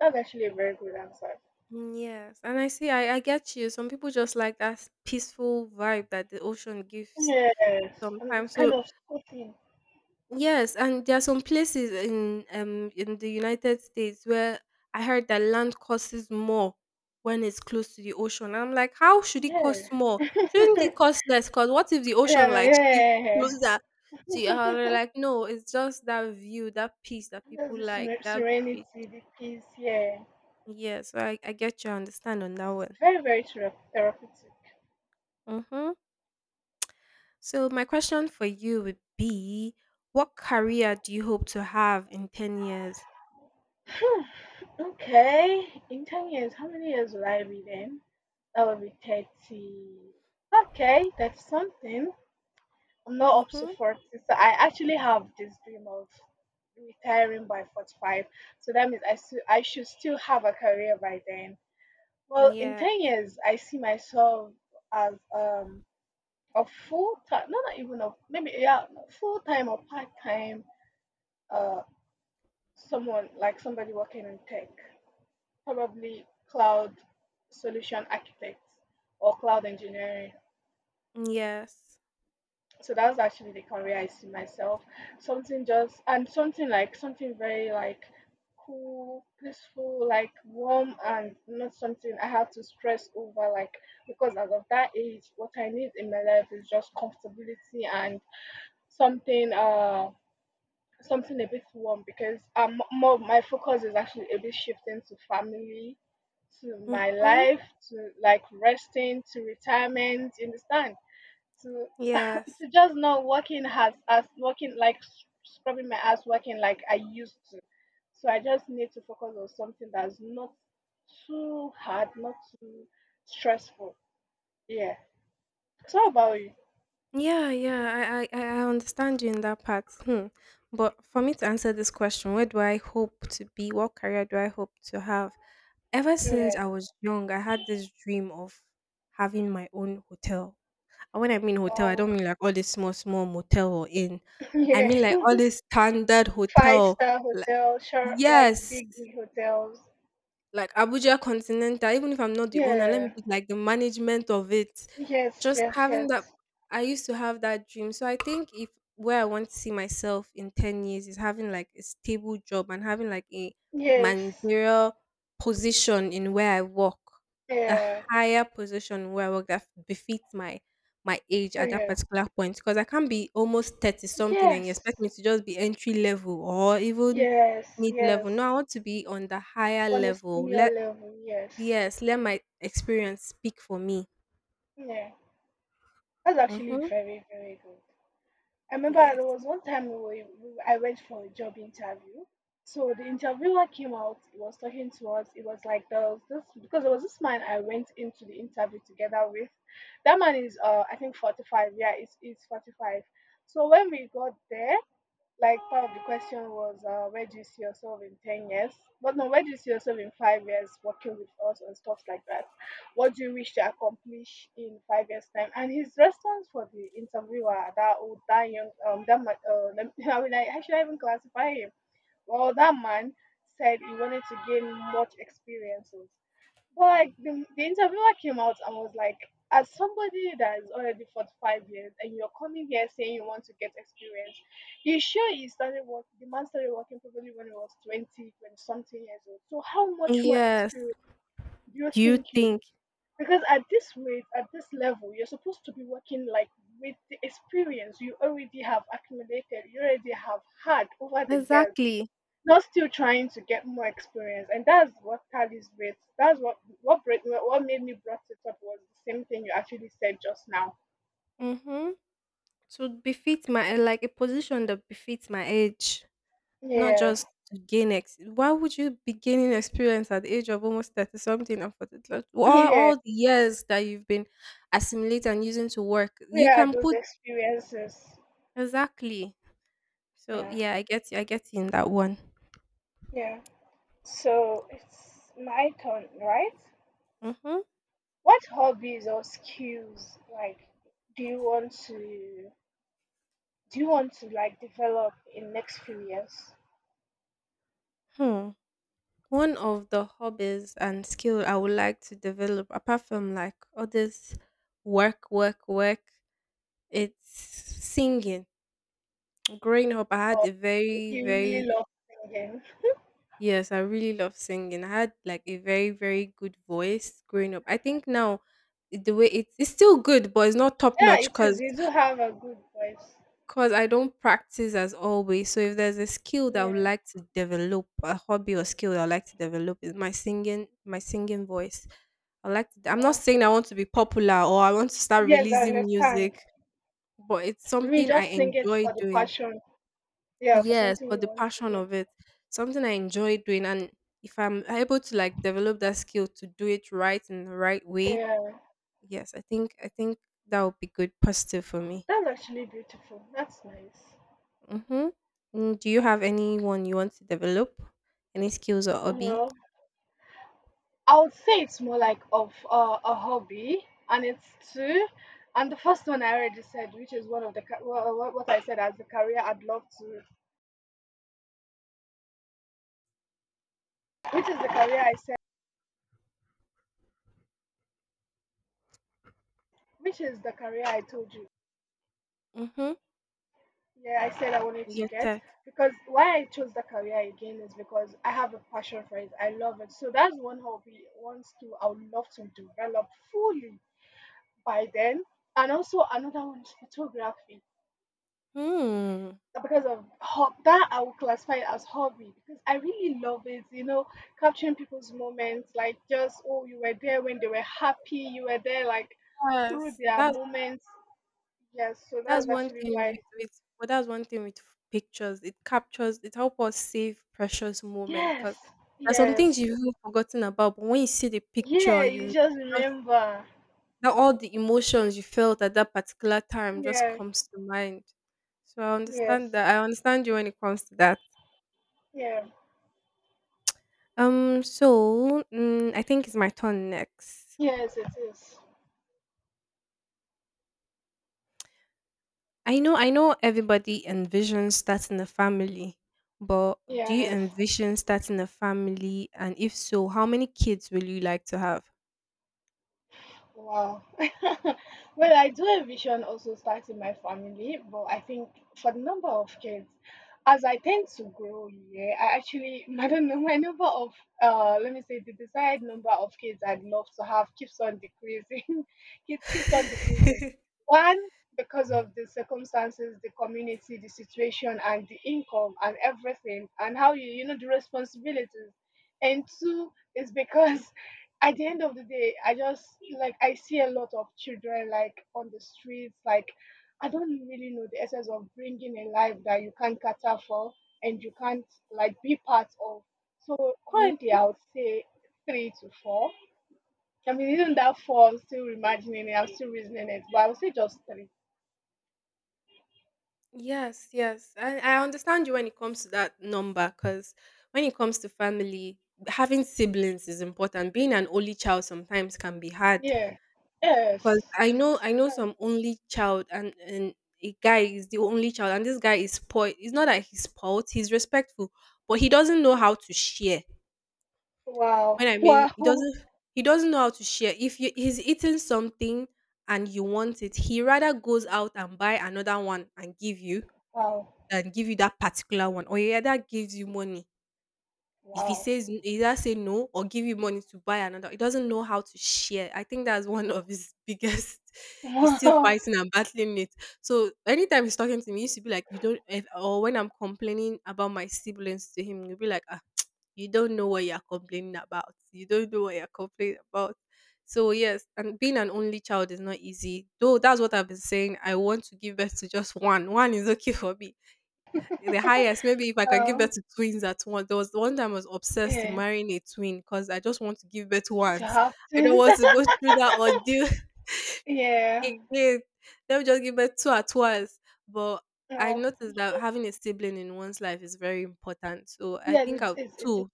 Speaker 2: that's actually a very good answer.
Speaker 1: Mm, yes, and I see. I get you. Some people just like that peaceful vibe that the ocean gives
Speaker 2: Yes, and
Speaker 1: sometimes.
Speaker 2: it's kind
Speaker 1: So
Speaker 2: of so.
Speaker 1: yes, and there are some places in the United States where I heard that land costs more when it's close to the ocean. I'm like, how should it
Speaker 2: Yeah.
Speaker 1: cost more? Shouldn't
Speaker 2: Yeah,
Speaker 1: it cost less? Cause what if the ocean
Speaker 2: yeah,
Speaker 1: like shifts
Speaker 2: yeah.
Speaker 1: closer to you? And they're
Speaker 2: Yeah.
Speaker 1: like, no, it's just that view, that peace that
Speaker 2: That's
Speaker 1: people
Speaker 2: the
Speaker 1: like,
Speaker 2: seren-
Speaker 1: that bit.
Speaker 2: serenity, the peace. Yeah,
Speaker 1: Yeah, so I get your understand on that
Speaker 2: it's
Speaker 1: one.
Speaker 2: very, very therapeutic.
Speaker 1: Mm-hmm. So my question for you would be, what career do you hope to have in 10 years?
Speaker 2: Hmm, okay, in 10 years, how many years will I be then? That will be 30. Okay, that's something. I'm not up to
Speaker 1: Mm-hmm.
Speaker 2: 40, so I actually have this dream of retiring by 45. So that means I should still have a career by then. Well, in
Speaker 1: Yeah.
Speaker 2: 10 years, I see myself as a full time, no, not even a maybe, yeah, full time or part time, uh, someone like somebody working in tech, probably cloud solution architect or cloud engineering.
Speaker 1: Yes.
Speaker 2: So that's actually the career I see myself. Something just and something like something very like cool, peaceful, like warm, and not something I have to stress over. Like because as of that age, what I need in my life is just comfortability and something something a bit warm because more my focus is actually a bit shifting to family, to my
Speaker 1: Mhm.
Speaker 2: life, to like resting, to retirement. You understand?
Speaker 1: Yes.
Speaker 2: So just not working as working like scrubbing my ass working like I used to. So I just need to focus on something that's not too hard, not too stressful. Yeah. So how about you?
Speaker 1: Yeah, yeah. I understand you in that part. Hmm. But for me to answer this question, where do I hope to be? What career do I hope to have? Ever since
Speaker 2: Yeah.
Speaker 1: I was young, I had this dream of having my own hotel. And when I mean hotel, I
Speaker 2: Wow.
Speaker 1: don't mean like all this small, small motel or inn. I
Speaker 2: Yeah.
Speaker 1: mean like all this standard
Speaker 2: Five
Speaker 1: hotel.
Speaker 2: star
Speaker 1: Like,
Speaker 2: hotel, sharp like
Speaker 1: yes,
Speaker 2: big big hotels.
Speaker 1: like Abuja Continental, even if I'm not the owner, let me
Speaker 2: Yeah.
Speaker 1: be like the management of it.
Speaker 2: Yes,
Speaker 1: Just
Speaker 2: yes,
Speaker 1: having that,
Speaker 2: yes.
Speaker 1: I used to have that dream. So I think if where I want to see myself in 10 years is having like a stable job and having like a
Speaker 2: Yes.
Speaker 1: managerial position in where I work, a
Speaker 2: Yeah.
Speaker 1: higher position where I work that befits my age at that
Speaker 2: Yeah.
Speaker 1: particular point because I can't be almost 30 something and you expect
Speaker 2: Yes.
Speaker 1: me to just be entry level or even
Speaker 2: Yes,
Speaker 1: mid
Speaker 2: yes.
Speaker 1: level. No, I want to be on the higher
Speaker 2: On a
Speaker 1: level.
Speaker 2: senior
Speaker 1: Let,
Speaker 2: level, yes.
Speaker 1: yes, let my experience speak for me.
Speaker 2: Yeah. That's actually
Speaker 1: Mm-hmm.
Speaker 2: very, very good. I remember there
Speaker 1: Yes.
Speaker 2: was one time I went for a job interview. So the interviewer came out, he was talking to us. It was like there was this because there was this man I went into the interview together with. That man is I think 45. Yeah, it's 45. So when we got there, like part of the question was where do you see yourself in 10 years, but no, where do you see yourself in 5 years working with us and stuff like that, what do you wish to accomplish in 5 years time. And his response for the interviewer, that old, that young, that man, I mean, how should I even classify him? Well, that man said he wanted to gain much experiences, but like the interviewer came out and was like, as somebody that is already 45 years and you're coming here saying you want to get experience, you sure you started work, the man started working probably when he was 20, 20 something years old. So how much more
Speaker 1: Yes.
Speaker 2: experience do you
Speaker 1: Do you
Speaker 2: think you need?
Speaker 1: think
Speaker 2: Because at this rate, at this level, you're supposed to be working like with the experience you already have accumulated, you already have had over the years.
Speaker 1: exactly?
Speaker 2: Not still trying to get more experience, and that's what tallies with. That's what what made me brought it up was the same thing you actually said just now.
Speaker 1: Mm-hmm. To befit my like a position that befits my age, not
Speaker 2: Yeah,
Speaker 1: just to gain ex. Why would you be gaining experience at the age of almost 30 something and 40? Like,
Speaker 2: yeah.
Speaker 1: all the years that you've been assimilating and using to work,
Speaker 2: We
Speaker 1: you
Speaker 2: are
Speaker 1: can
Speaker 2: those
Speaker 1: put
Speaker 2: experiences.
Speaker 1: exactly. So
Speaker 2: Yeah,
Speaker 1: yeah, I get you. I get you in that one.
Speaker 2: yeah. So it's my turn, right?
Speaker 1: Mm-hmm.
Speaker 2: What hobbies or skills like do you want to do you want to like develop in next few years?
Speaker 1: Hmm. One of the hobbies and skill I would like to develop, apart from like all this work, work, work, it's singing. Growing up, I had a very,
Speaker 2: You really
Speaker 1: very
Speaker 2: love singing.
Speaker 1: yes, I really love singing. I had like a very, very good voice growing up. I think now it's still good, but it's not top
Speaker 2: Yeah,
Speaker 1: notch.
Speaker 2: it is. You do have a good voice.
Speaker 1: Because I don't practice as always. So if there's a skill that I would
Speaker 2: Yeah.
Speaker 1: like to develop, a hobby or skill that I like to develop is my singing voice. I'm not
Speaker 2: Wow.
Speaker 1: saying I want to be popular or I want to start
Speaker 2: Yes, I
Speaker 1: releasing music,
Speaker 2: understand.
Speaker 1: but it's
Speaker 2: We
Speaker 1: something I
Speaker 2: just sing it
Speaker 1: enjoy
Speaker 2: for the
Speaker 1: doing.
Speaker 2: passion. Yeah, for
Speaker 1: Yes,
Speaker 2: something
Speaker 1: but
Speaker 2: you
Speaker 1: the
Speaker 2: want to
Speaker 1: passion
Speaker 2: do.
Speaker 1: of it, something I enjoy doing. And if I'm able to like develop that skill to do it right in the right way,
Speaker 2: Yeah,
Speaker 1: yes, I think that would be good positive for me.
Speaker 2: that's actually beautiful. That's nice.
Speaker 1: Mm-hmm. Mm, do you have anyone you want to develop? Any skills or hobby?
Speaker 2: Well, I would say it's more like of a hobby, and it's two. And the first one I already said, which is one of the ca- well, what I said as the career I'd love to, which is the career I said, which is the career I told you.
Speaker 1: Mm-hmm.
Speaker 2: Yeah, I said I wanted to
Speaker 1: Your
Speaker 2: get
Speaker 1: tech.
Speaker 2: because why I chose the career again is because I have a passion for it. I love it. So that's one hobby, one skill I would love to develop fully by then. And also another one is photography.
Speaker 1: Hmm.
Speaker 2: Because of that, I would classify it as hobby because I really love it. You know, capturing people's moments, like just oh, you were there when they were happy. You were there like through
Speaker 1: Yes,
Speaker 2: their moments. Yes. So that's actually why.
Speaker 1: that's one thing with pictures. It captures it helps us save precious moments
Speaker 2: Yes.
Speaker 1: because there's some things
Speaker 2: Yes.
Speaker 1: you've even forgotten about, but when you see the picture,
Speaker 2: Yeah, you
Speaker 1: you
Speaker 2: just
Speaker 1: just
Speaker 2: remember.
Speaker 1: that all the emotions you felt at that particular time just
Speaker 2: Yeah,
Speaker 1: comes to mind. So I
Speaker 2: yes,
Speaker 1: understand that. I understand you when it comes to that.
Speaker 2: yeah,
Speaker 1: So, mm, I think it's my turn next.
Speaker 2: yes, it is.
Speaker 1: I know everybody envisions starting a family, but do you
Speaker 2: Yes.
Speaker 1: envision starting a family? And if so, how many kids will you like to have?
Speaker 2: Wow. Well, I do envision also starting my family, but I think for the number of kids, as I tend to grow, yeah, I actually, I don't know, my number of, let me say, the desired number of kids I'd love to have keeps on decreasing. Kids keeps on decreasing. One, because of the circumstances, the community, the situation, and the income, and everything, and how you, you know, the responsibilities. And two, is because at the end of the day, I just like I see a lot of children like on the streets. Like I don't really know the essence of bringing a life that you can't cater for and you can't like be part of. So
Speaker 1: Mm,
Speaker 2: currently, I would say three to four. I mean, even that four? I'm still imagining it. I'm still reasoning it, but I would say just three.
Speaker 1: yes, yes. I understand you when it comes to that number because when it comes to family, having siblings is important. Being an only child sometimes can be hard
Speaker 2: Yeah.
Speaker 1: because
Speaker 2: Yes. It's
Speaker 1: I know
Speaker 2: um,
Speaker 1: some only child and a guy is the only child and this guy is spoiled. It's not that he's spoiled, he's respectful, but he doesn't know how to share.
Speaker 2: wow,
Speaker 1: When I mean
Speaker 2: wow,
Speaker 1: he doesn't know how to share. If you, he's eating something and you want it, he rather goes out and buy another one and give you
Speaker 2: wow,
Speaker 1: than give you that particular one. Or he rather gives you money if he
Speaker 2: wow,
Speaker 1: says either say no or give you money to buy another, he doesn't know how to share. I think that's one of his biggest he's still
Speaker 2: wow.
Speaker 1: fighting and battling it. So anytime he's talking to me, he used to be like, you don't, if, or when I'm complaining about my siblings to him, he'll be like, ah, you don't know what you're complaining about you don't know what you're complaining about. So yes, and being an only child is not easy though. That's what I've been saying. I want to give birth to just one is okay for me. The highest, maybe if I can give birth
Speaker 2: Um,
Speaker 1: to twins at once. There was one time I was obsessed in
Speaker 2: yeah,
Speaker 1: marrying a twin because I just want to give birth
Speaker 2: to
Speaker 1: once.
Speaker 2: have
Speaker 1: I don't
Speaker 2: things.
Speaker 1: want to go through that ordeal
Speaker 2: Yeah.
Speaker 1: again. Let me just give birth two at once. But I
Speaker 2: No.
Speaker 1: noticed that having a sibling in one's life is very important. So I
Speaker 2: Yeah,
Speaker 1: think I'll two.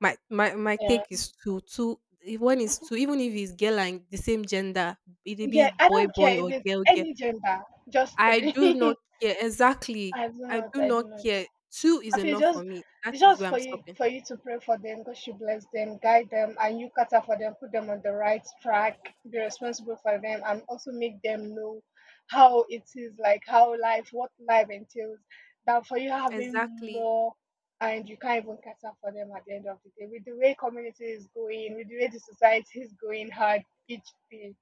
Speaker 1: My
Speaker 2: yeah.
Speaker 1: take is two. Two if one is two, even if it's girl and the same gender, it'll
Speaker 2: Yeah,
Speaker 1: be
Speaker 2: I
Speaker 1: boy
Speaker 2: don't
Speaker 1: boy
Speaker 2: care if
Speaker 1: or
Speaker 2: it's
Speaker 1: girl girl.
Speaker 2: any gender, just
Speaker 1: I do
Speaker 2: three.
Speaker 1: not care. Exactly. I do
Speaker 2: I
Speaker 1: not
Speaker 2: do not.
Speaker 1: care. Two is
Speaker 2: I feel
Speaker 1: enough for me. That
Speaker 2: it's
Speaker 1: is
Speaker 2: just
Speaker 1: where I'm stopping.
Speaker 2: for you to pray for them, God should bless them, guide them, and you cater for them, put them on the right track, be responsible for them, and also make them know how it is like how life, what life entails. Than for you having
Speaker 1: Exactly.
Speaker 2: more and you can't even cater for them at the end of the day. With the way community is going, with the way the society is going hard each day,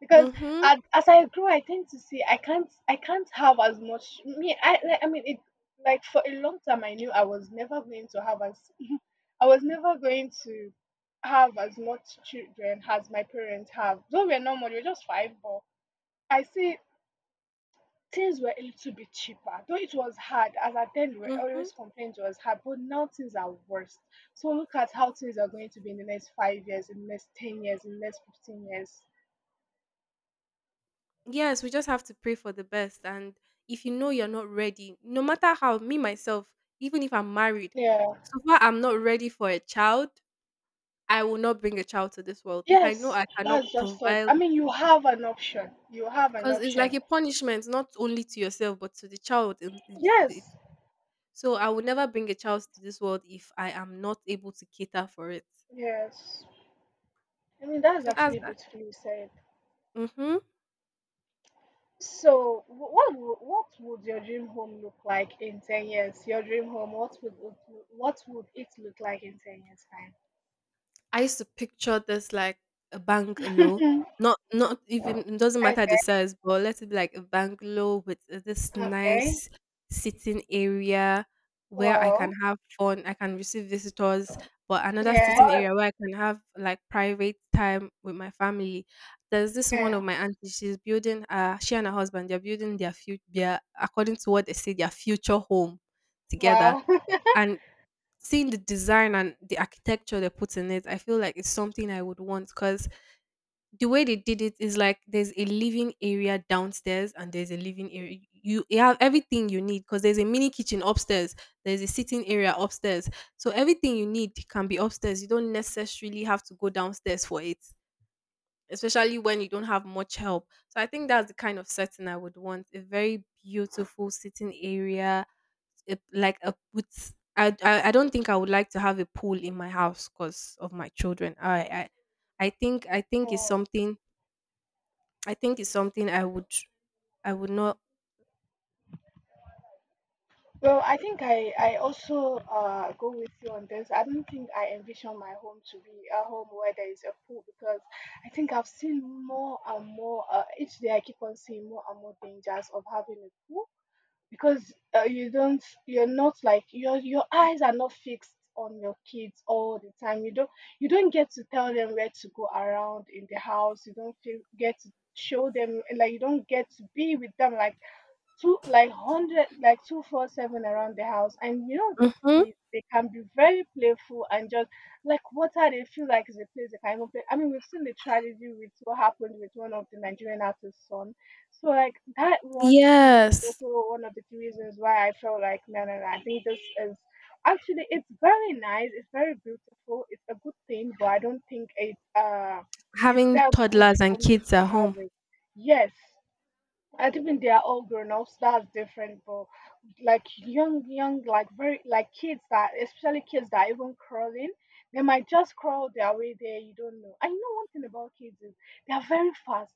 Speaker 2: because
Speaker 1: Mm-hmm.
Speaker 2: as I grow, I tend to see I can't have as much. Me, I like, I mean it like for a long time I knew I was never going to have as much children as my parents have. Though we're not much, we're just five, but I see things were a little bit cheaper. Though it was hard, as at then we were
Speaker 1: Mm-hmm.
Speaker 2: always complaining it was hard, but now things are worse. So look at how things are going to be in the next 5 years, in the next 10 years, in the next 15 years.
Speaker 1: Yes, we just have to pray for the best. And if you know you're not ready, no matter how me myself, even if I'm married,
Speaker 2: Yeah.
Speaker 1: so far I'm not ready for a child, I will not bring a child to this world. If I know
Speaker 2: Yes,
Speaker 1: I cannot
Speaker 2: that's just it.
Speaker 1: provide
Speaker 2: I mean, you have an option. You have an
Speaker 1: because it's like
Speaker 2: option.
Speaker 1: a punishment not only to yourself but to the child
Speaker 2: Yes,
Speaker 1: so I will never bring a child to this world if I am not able to cater for it.
Speaker 2: yes. I mean, that's
Speaker 1: So that's
Speaker 2: actually
Speaker 1: that.
Speaker 2: beautifully said.
Speaker 1: Mhm.
Speaker 2: So, what would your dream home look like in 10 years? Your dream home, what would it look like in 10 years' time?
Speaker 1: I used to picture this like a bungalow. Not even, it doesn't
Speaker 2: Okay,
Speaker 1: matter the size, but let it be like a bungalow with this
Speaker 2: okay.
Speaker 1: nice sitting area where I can
Speaker 2: Wow.
Speaker 1: have fun, I can receive visitors, but another sitting
Speaker 2: Yeah.
Speaker 1: area where I can have like private time with my family. There's this one of
Speaker 2: Yeah.
Speaker 1: my aunties, she's building she and her husband, they're building their future their, according to what they say, their future home together.
Speaker 2: Wow.
Speaker 1: And seeing the design and the architecture they put in it, I feel like it's something I would want because the way they did it is like there's a living area downstairs and there's a living area. You have everything you need because there's a mini kitchen upstairs, there's a sitting area upstairs. So everything you need can be upstairs. You don't necessarily have to go downstairs for it, especially when you don't have much help. So I think that's the kind of setting I would want. A very beautiful sitting area, a- like a with. I don't think I would like to have a pool in my house because of my children. I I think it's
Speaker 2: Wow.
Speaker 1: something. I think it's something I would, I would not.
Speaker 2: Well, I think I also go with you on this. I don't think I envision my home to be a home where there is a pool because I think I've seen more and more, each day I keep on seeing more and more dangers of having a pool because you don't, you're not like, your eyes are not fixed on your kids all the time. You don't get to tell them where to go around in the house. You don't feel, get to show them, like you don't get to be with them like two like hundred like 24/7 around the house, and you know these
Speaker 1: Hmm.
Speaker 2: kids, they can be very playful and just like water, they feel like is a place they can even play. I mean, we've seen the tragedy with what happened with one of the Nigerian artist's son. So like that one thing was
Speaker 1: Yes,
Speaker 2: also one of the reasons why I felt like no, no, no, I think this is actually, it's very nice, it's very beautiful, it's a good thing, but I don't think it's
Speaker 1: having
Speaker 2: that good
Speaker 1: toddlers and
Speaker 2: for me
Speaker 1: kids
Speaker 2: to
Speaker 1: at
Speaker 2: have
Speaker 1: home.
Speaker 2: it. Yes, I think they are all grown ups. That's different, but like young, young, like kids that, especially kids that are even crawling, they might just crawl their way there. You don't know. I know one thing about kids is they are very fast.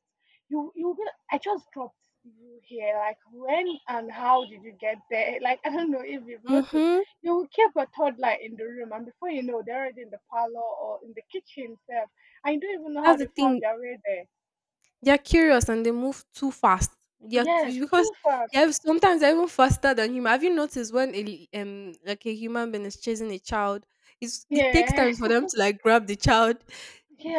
Speaker 2: You will. I just dropped you here. Like when and how did you get there? Like I don't know if you've noticed.
Speaker 1: Hmm.
Speaker 2: You will keep a toddler in the room, and before you know, they're already in the parlor or in the kitchen itself. I don't even know how
Speaker 1: That's the
Speaker 2: they found
Speaker 1: thing.
Speaker 2: their way there.
Speaker 1: They're curious and they move too fast. They're t
Speaker 2: Yes,
Speaker 1: because
Speaker 2: too
Speaker 1: they're
Speaker 2: fast.
Speaker 1: sometimes they're even faster than human. Have you noticed when a like, a human being is chasing a child, it takes time
Speaker 2: Yeah.
Speaker 1: for them to, like, grab the child.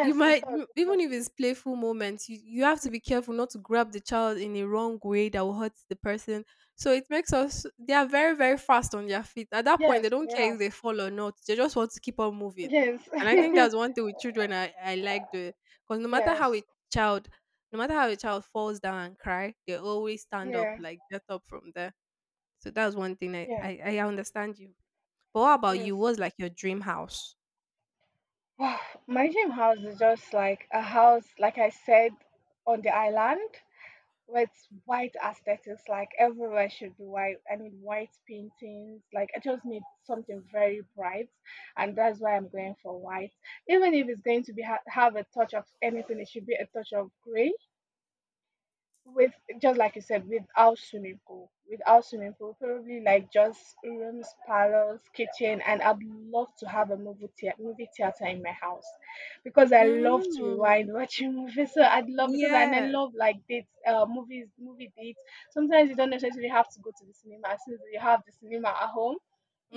Speaker 2: it does. It
Speaker 1: Even
Speaker 2: does.
Speaker 1: if it's playful moments, you have to be careful not to grab the child in a wrong way that will hurt the person. So it makes us They are very, very fast on their feet. At that point, they
Speaker 2: Yes,
Speaker 1: don't care
Speaker 2: yeah.
Speaker 1: if they fall or not. They just want to keep on moving.
Speaker 2: Yes.
Speaker 1: And I think that's one thing with children I like doing. Because no matter
Speaker 2: Yes.
Speaker 1: how a child, no matter how a child falls down and cry, they always stand up,
Speaker 2: Yeah.
Speaker 1: like get up from there. So that's one thing I,
Speaker 2: Yeah.
Speaker 1: I, I understand you. But what about you?
Speaker 2: Yes.
Speaker 1: What's like your dream house?
Speaker 2: Wow. My dream house is just like a house, like I said, on the island with white aesthetics. Like everywhere should be white. I mean, white paintings. Like I just need something very bright, and that's why I'm going for white. Even if it's going to be have a touch of anything, it should be a touch of gray with, just like you said, without swimming pool, without swimming pool, probably like just rooms, parlors, kitchen. And I'd love to have a movie theater in my house because I love to
Speaker 1: Mm-hmm.
Speaker 2: rewind watching movies. So I'd love, because, and I
Speaker 1: Yeah.
Speaker 2: love like dates, movie dates. Sometimes you don't necessarily have to go to the cinema since you have the cinema at home.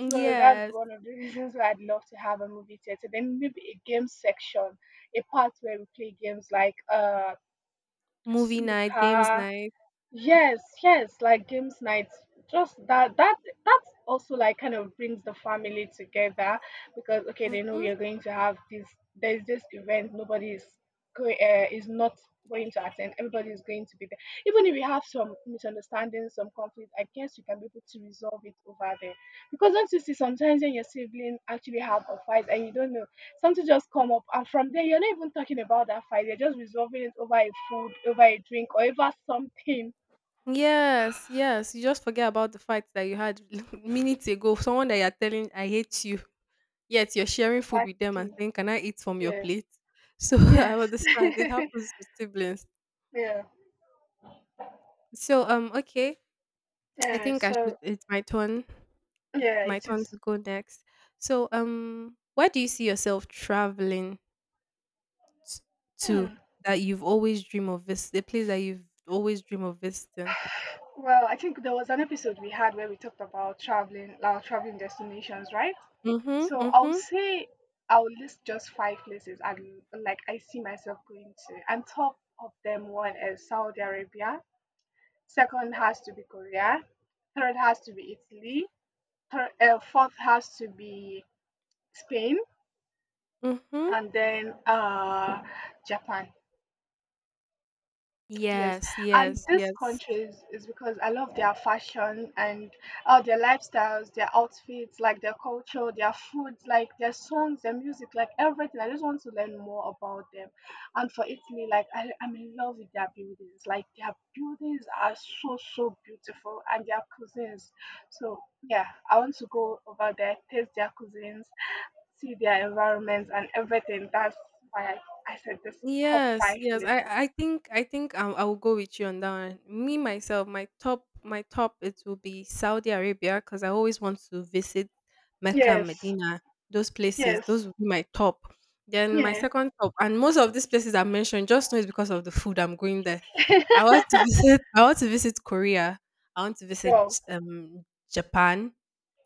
Speaker 2: So that's one of the reasons why I'd love to have a movie theater. Then maybe a game section, a part where we play games like
Speaker 1: movie night, games
Speaker 2: snooker.
Speaker 1: night.
Speaker 2: Yes, yes, like games nights. Just that also like kind of brings the family together because okay, they know
Speaker 1: Mhm.
Speaker 2: you're going to have this. There's this event. Nobody is not going to attend. Everybody is going to be there. Even if you have some misunderstandings, some conflict, I guess you can be able to resolve it over there. Because don't you see, sometimes when your sibling actually have a fight and you don't know, something just come up, and from there you're not even talking about that fight. You're just resolving it over a food, over a drink, or over something.
Speaker 1: Yes, yes. You just forget about the fact that you had minutes ago someone that you're telling I hate you, yet you're sharing food with them and
Speaker 2: Exactly.
Speaker 1: saying, "Can I eat from your
Speaker 2: Yeah.
Speaker 1: plate?" So I
Speaker 2: Yes.
Speaker 1: understand it happens with siblings.
Speaker 2: Yeah.
Speaker 1: So okay, I
Speaker 2: Yeah.
Speaker 1: think I
Speaker 2: So
Speaker 1: should. It's my turn.
Speaker 2: yeah,
Speaker 1: My
Speaker 2: it
Speaker 1: turn
Speaker 2: is.
Speaker 1: to go next. So where do you see yourself traveling t- to
Speaker 2: Hmm.
Speaker 1: that you've always dreamed of visiting? The place that you've always dreamed of visiting.
Speaker 2: Well, I think there was an episode we had where we talked about traveling, our traveling destinations, right? So I'll
Speaker 1: Mm-hmm.
Speaker 2: say I'll list just five places and like I see myself going to. And top of them, one is Saudi Arabia. Second has to be Korea. Third has to be Italy. Fourth has to be Spain,
Speaker 1: Mhm.
Speaker 2: and then Japan. Yes,
Speaker 1: Yes,
Speaker 2: and
Speaker 1: yes,
Speaker 2: these
Speaker 1: yes.
Speaker 2: countries is because I love their fashion and their lifestyles, their outfits, like their culture, their foods, like their songs, their music, like everything. I just want to learn more about them. And for Italy, like I'm in love with their buildings. Like their buildings are so, so beautiful, and their cuisines. So yeah, I want to go over there, taste their cuisines, see their environments and everything. That's why I said this top
Speaker 1: Yes,
Speaker 2: five
Speaker 1: yes.
Speaker 2: places.
Speaker 1: I will go with you on that one. Me myself, my top, it will be Saudi Arabia because I always want to visit Mecca and
Speaker 2: Yes.
Speaker 1: Medina. Those places,
Speaker 2: Yes.
Speaker 1: those would be my top. Then my
Speaker 2: Yeah.
Speaker 1: second top, and most of these places I mentioned, just know it's because of the food I'm going there. I want to visit. I want to visit Korea. I want to visit
Speaker 2: Yo.
Speaker 1: um Japan,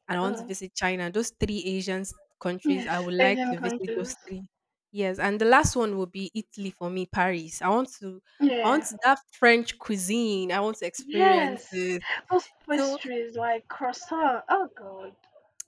Speaker 1: and I want to
Speaker 2: Uh,
Speaker 1: visit China. Those three Asian countries, I
Speaker 2: yes.
Speaker 1: would like
Speaker 2: Asian
Speaker 1: to visit those
Speaker 2: countries.
Speaker 1: three. Yes, and the last one will be Italy for me, Paris. I want to, I want
Speaker 2: Yeah.
Speaker 1: to, that French cuisine. I want to experience
Speaker 2: Yes.
Speaker 1: it.
Speaker 2: Those
Speaker 1: So
Speaker 2: pastries like croissant. Oh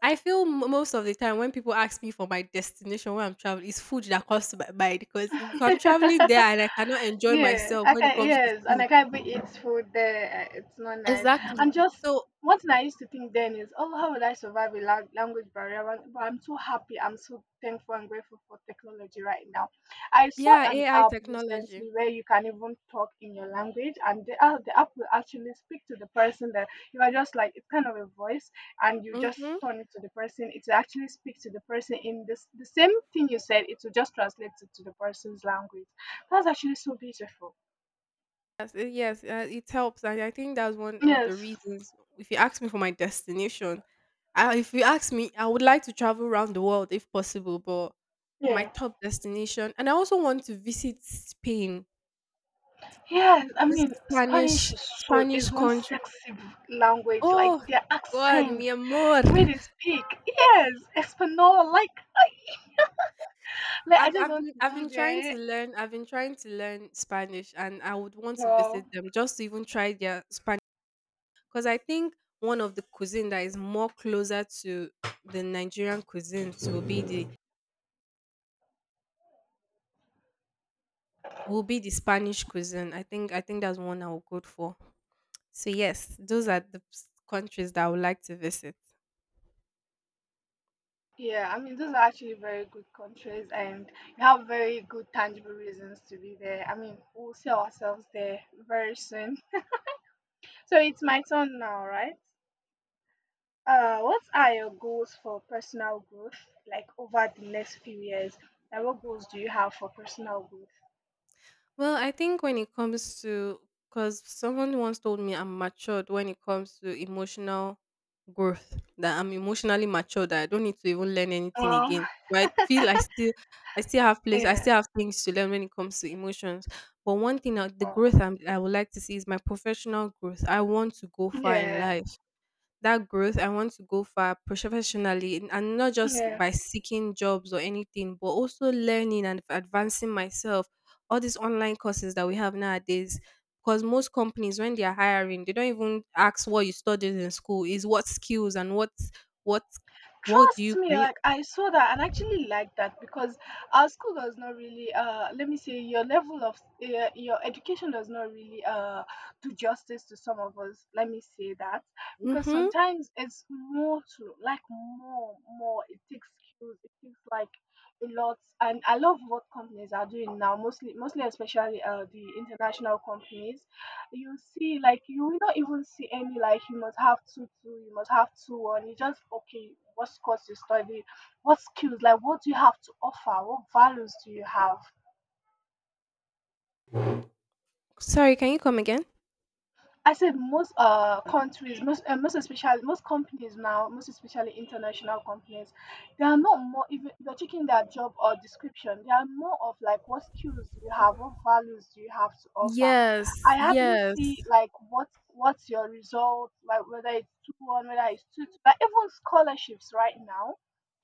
Speaker 1: I feel most of the time when people ask me for my destination when I'm traveling, it's food that comes to my mind because if I'm traveling there
Speaker 2: God.
Speaker 1: and I cannot enjoy
Speaker 2: Yeah,
Speaker 1: myself when it comes to
Speaker 2: yes, and
Speaker 1: food,
Speaker 2: I can't be eat food there. It's not nice.
Speaker 1: exactly.
Speaker 2: I'm just
Speaker 1: So
Speaker 2: one thing I used to think then is, oh, how will I survive a language barrier? But I'm so happy. I'm so thankful and grateful for technology right now. I saw
Speaker 1: yeah,
Speaker 2: an
Speaker 1: AI
Speaker 2: app
Speaker 1: technology.
Speaker 2: recently where you can even talk in your language, and the app will actually speak to the person that you are, just like it's kind of a voice, and you just
Speaker 1: Hmm.
Speaker 2: turn it to the person. It will actually speak to the person in this the same thing you said. It will just translate it to the person's language. That's actually so beautiful.
Speaker 1: Yes, it helps, and I think that's one of the
Speaker 2: Yes.
Speaker 1: reasons. If you ask me for my destination, I, if you ask me, I would like to travel around the world if possible, but my
Speaker 2: Yeah.
Speaker 1: top destination, and I also want to visit Spain,
Speaker 2: Yes. I
Speaker 1: this
Speaker 2: mean, Spanish is so
Speaker 1: Spanish
Speaker 2: is one
Speaker 1: country.
Speaker 2: sexy language. Like
Speaker 1: Oh
Speaker 2: their
Speaker 1: God,
Speaker 2: accent,
Speaker 1: mi amor!
Speaker 2: the way they speak. Yes. Espanol. Like I just want to
Speaker 1: I've
Speaker 2: go
Speaker 1: been trying
Speaker 2: there.
Speaker 1: to learn. I've been trying to learn Spanish, and I would want to
Speaker 2: Well,
Speaker 1: visit them just to even try their Spanish. Because I think one of the cuisine that is more closer to the Nigerian cuisine will be the Spanish cuisine. I think that's one I will go for. So yes, those are the countries that I would like to visit.
Speaker 2: yeah. I mean, those are actually very good countries, and you have very good tangible reasons to be there. I mean, we'll see ourselves there very soon. So it's my turn now, right? What are your goals for personal growth, like over the next few years? And what goals do you have for personal growth?
Speaker 1: Well, I think when it comes to, because someone once told me I'm matured when it comes to emotional growth, that I'm emotionally matured, that I don't need to even learn anything
Speaker 2: Um,
Speaker 1: again. But I feel I still have place, I
Speaker 2: yeah,
Speaker 1: still have things to learn when it comes to emotions. But one thing, that the
Speaker 2: uh,
Speaker 1: growth I'm, I would like to see is my professional growth. I want to go far in
Speaker 2: yeah,
Speaker 1: life, that growth, I want to go far professionally and not just
Speaker 2: yeah.
Speaker 1: by seeking jobs or anything but also learning and advancing myself, all these online courses that we have nowadays because most companies when they are hiring they don't even ask what you studied in school, is what skills and what what do
Speaker 2: Trust
Speaker 1: you
Speaker 2: me,
Speaker 1: can you
Speaker 2: like I saw that and actually like that because our school does not really, let me say, your level of your education does not really do justice to some of us. Let me say that because
Speaker 1: mm-hmm.
Speaker 2: sometimes it's more to like more, more. It takes skills. It takes like a lot, and I love what companies are doing now. Mostly especially the international companies. You see, like you will not even see any, like you must have 2:2, you must have 2:1. You just okay, what course you study, what skills, like what do you have to offer, what values do you have.
Speaker 1: Sorry, can you come again?
Speaker 2: I said most countries, most most especially most companies now, most especially international companies, they are not more, even if you're checking their job or description, they are more of like what skills do you have, what values do you have to offer.
Speaker 1: Yes,
Speaker 2: I hardly see
Speaker 1: yes.
Speaker 2: like what, what's your result, like whether it's 2:1, whether it's 2:2, like even scholarships right now,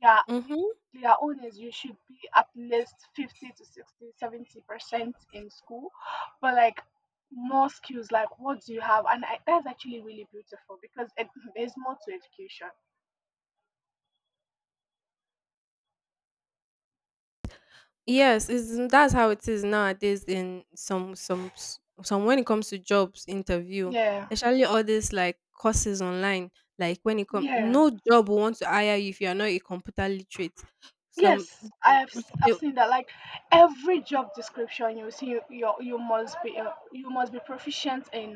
Speaker 2: yeah,
Speaker 1: Mm-hmm.
Speaker 2: they, their own is you should be at least 50 to 60-70% in school, but like more skills, like what do you have. And that's actually really beautiful because it, there's more to education.
Speaker 1: Yes, it's, that's how it is nowadays in some some, when it comes to jobs interview,
Speaker 2: Yeah,
Speaker 1: especially all this like courses online. Like when it comes,
Speaker 2: yeah.
Speaker 1: no job will want to hire you if you are not a computer literate. Some
Speaker 2: Yes, i
Speaker 1: mm,
Speaker 2: have s- i've
Speaker 1: they-
Speaker 2: seen that, like every job description you see, you must be proficient in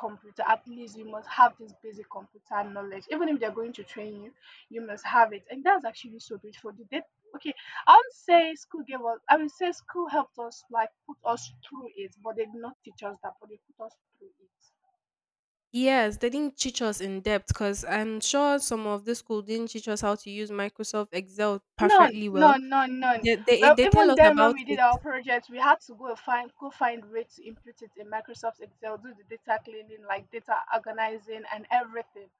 Speaker 2: computer. At least you must have this basic computer knowledge, even if they're going to train you, you must have it. And that's actually so beautiful. Did they Okay, I would say school gave us, I would say school helped us, like put us through it, but they did not teach us that, but they put us through it.
Speaker 1: yes, they didn't teach us in depth because I'm sure some of the school didn't teach us how to use Microsoft Excel
Speaker 2: None,
Speaker 1: perfectly well.
Speaker 2: none, none, none.
Speaker 1: They they
Speaker 2: Well,
Speaker 1: they tell
Speaker 2: even
Speaker 1: us
Speaker 2: then, when
Speaker 1: about
Speaker 2: we did
Speaker 1: it.
Speaker 2: our project, we had to go find a way to input it in Microsoft Excel, do the data cleaning, like data organizing and everything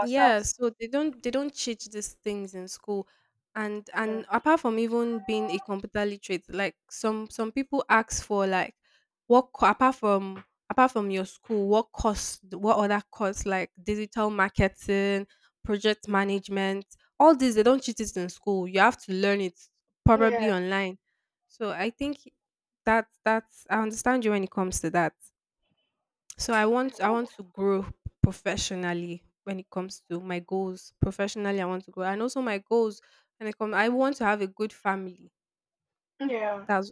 Speaker 1: Yeah, so they don't teach these things in school.
Speaker 2: Yeah.
Speaker 1: And apart from even being a computer literate, like some people ask for like apart from, apart from your school, what other course, like digital marketing, project management, all this they don't teach it in school. You have to learn it probably
Speaker 2: Yeah,
Speaker 1: online. So I think that that's, I understand you when it comes to that. So I want to grow professionally when it comes to my goals. Professionally, I want to grow, and also my goals when it comes. I want to have a good family.
Speaker 2: yeah.
Speaker 1: That's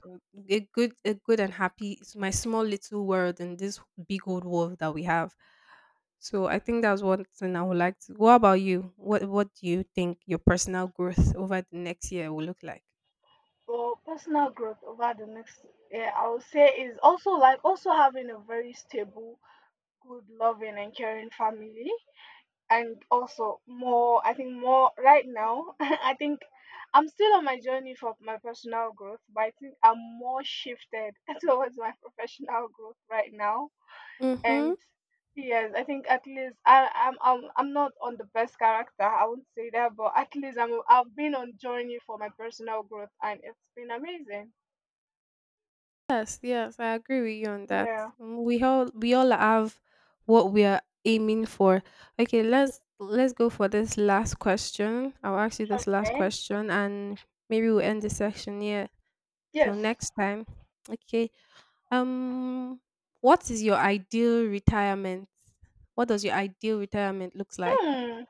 Speaker 1: a good, and happy. It's my small little world in this big old world that we have. So I think that's one thing I would like to. What about you? What do you think your personal growth over the next year will look like?
Speaker 2: Well, personal growth over the next, yeah, I would say is also like also having a very stable, good, loving, and caring family. And also more, I think more right now, I think I'm still on my journey for my personal growth, but I think I'm more shifted towards my professional growth right now.
Speaker 1: Mm-hmm.
Speaker 2: And yes, I think at least I, I'm not on the best character, I won't say that, but at least I've been on journey for my personal growth, and it's been amazing.
Speaker 1: Yes, yes, I agree with you on that.
Speaker 2: Yeah.
Speaker 1: Mm. We all have what we are aiming for. Okay, let's go for this last question. I'll ask you this last
Speaker 2: Okay.
Speaker 1: question and maybe we'll end the section here. Till
Speaker 2: Yes.
Speaker 1: next time. Okay. Um, what is your ideal retirement? What does your ideal retirement looks like?
Speaker 2: Hmm.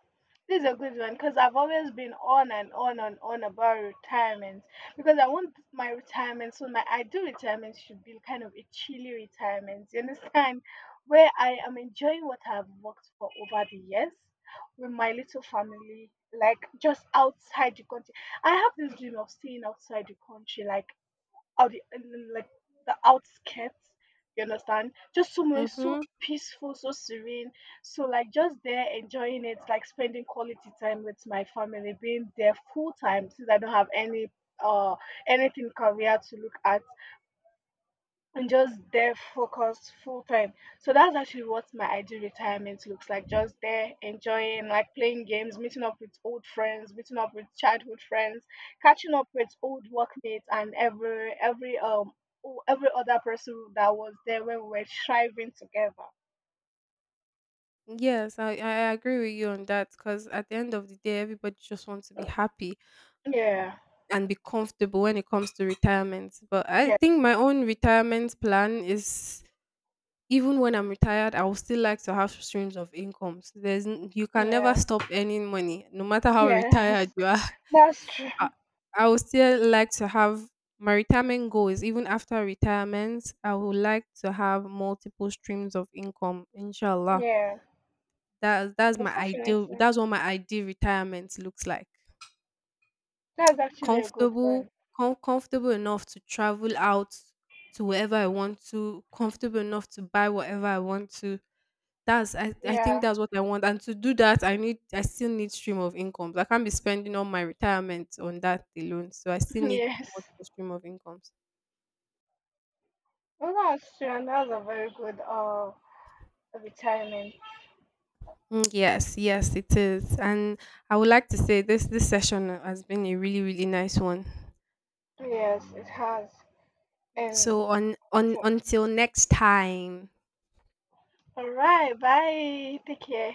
Speaker 2: This is a good one because I've always been on and on and on about retirement because I want my retirement, so my ideal retirement should be kind of a chilly retirement. You understand? Where I am enjoying what I've worked for over the years with my little family, like just outside the country. I have this dream of staying outside the country, like out in like the outskirts, you understand, just somewhere
Speaker 1: Mm-hmm.
Speaker 2: so peaceful, so serene, so like just there enjoying it, like spending quality time with my family, being there full time since I don't have any uh anything career to look at and just there focused full time. So that's actually what my ideal retirement looks like. Just there enjoying, like playing games, meeting up with old friends, meeting up with childhood friends, catching up with old workmates and every other person that was there when we were striving together.
Speaker 1: Yes, I agree with you on that because at the end of the day everybody just wants to be happy
Speaker 2: Yeah.
Speaker 1: and be comfortable when it comes to retirement. But I
Speaker 2: Yeah.
Speaker 1: think my own retirement plan is, even when I'm retired, I will still like to have streams of incomes. There's n- you can never
Speaker 2: Yeah.
Speaker 1: stop earning money, no matter how
Speaker 2: Yes.
Speaker 1: retired you are.
Speaker 2: That's true.
Speaker 1: I, I would still like to have my retirement goals. Even after retirement, I would like to have multiple streams of income. Inshallah,
Speaker 2: Yeah.
Speaker 1: that's
Speaker 2: Yes,
Speaker 1: my ideal.
Speaker 2: definitely.
Speaker 1: That's what my ideal retirement looks like.
Speaker 2: That's actually a good
Speaker 1: Comfortable,
Speaker 2: one.
Speaker 1: comfortable enough to travel out to wherever I want to, comfortable enough to buy whatever I want to. That's, I think
Speaker 2: Yeah.
Speaker 1: that's what I want, and to do that, I still need stream of incomes. I can't be spending all my retirement on that alone, so I still need
Speaker 2: Yes.
Speaker 1: multiple stream of incomes.
Speaker 2: Well, that's true, and that's a very good retirement.
Speaker 1: Mm, yes, yes, it is. And I would like to say this this session has been a really, really nice one.
Speaker 2: Yes, it has. And
Speaker 1: So on
Speaker 2: so,
Speaker 1: until next time.
Speaker 2: all right, bye. Take care.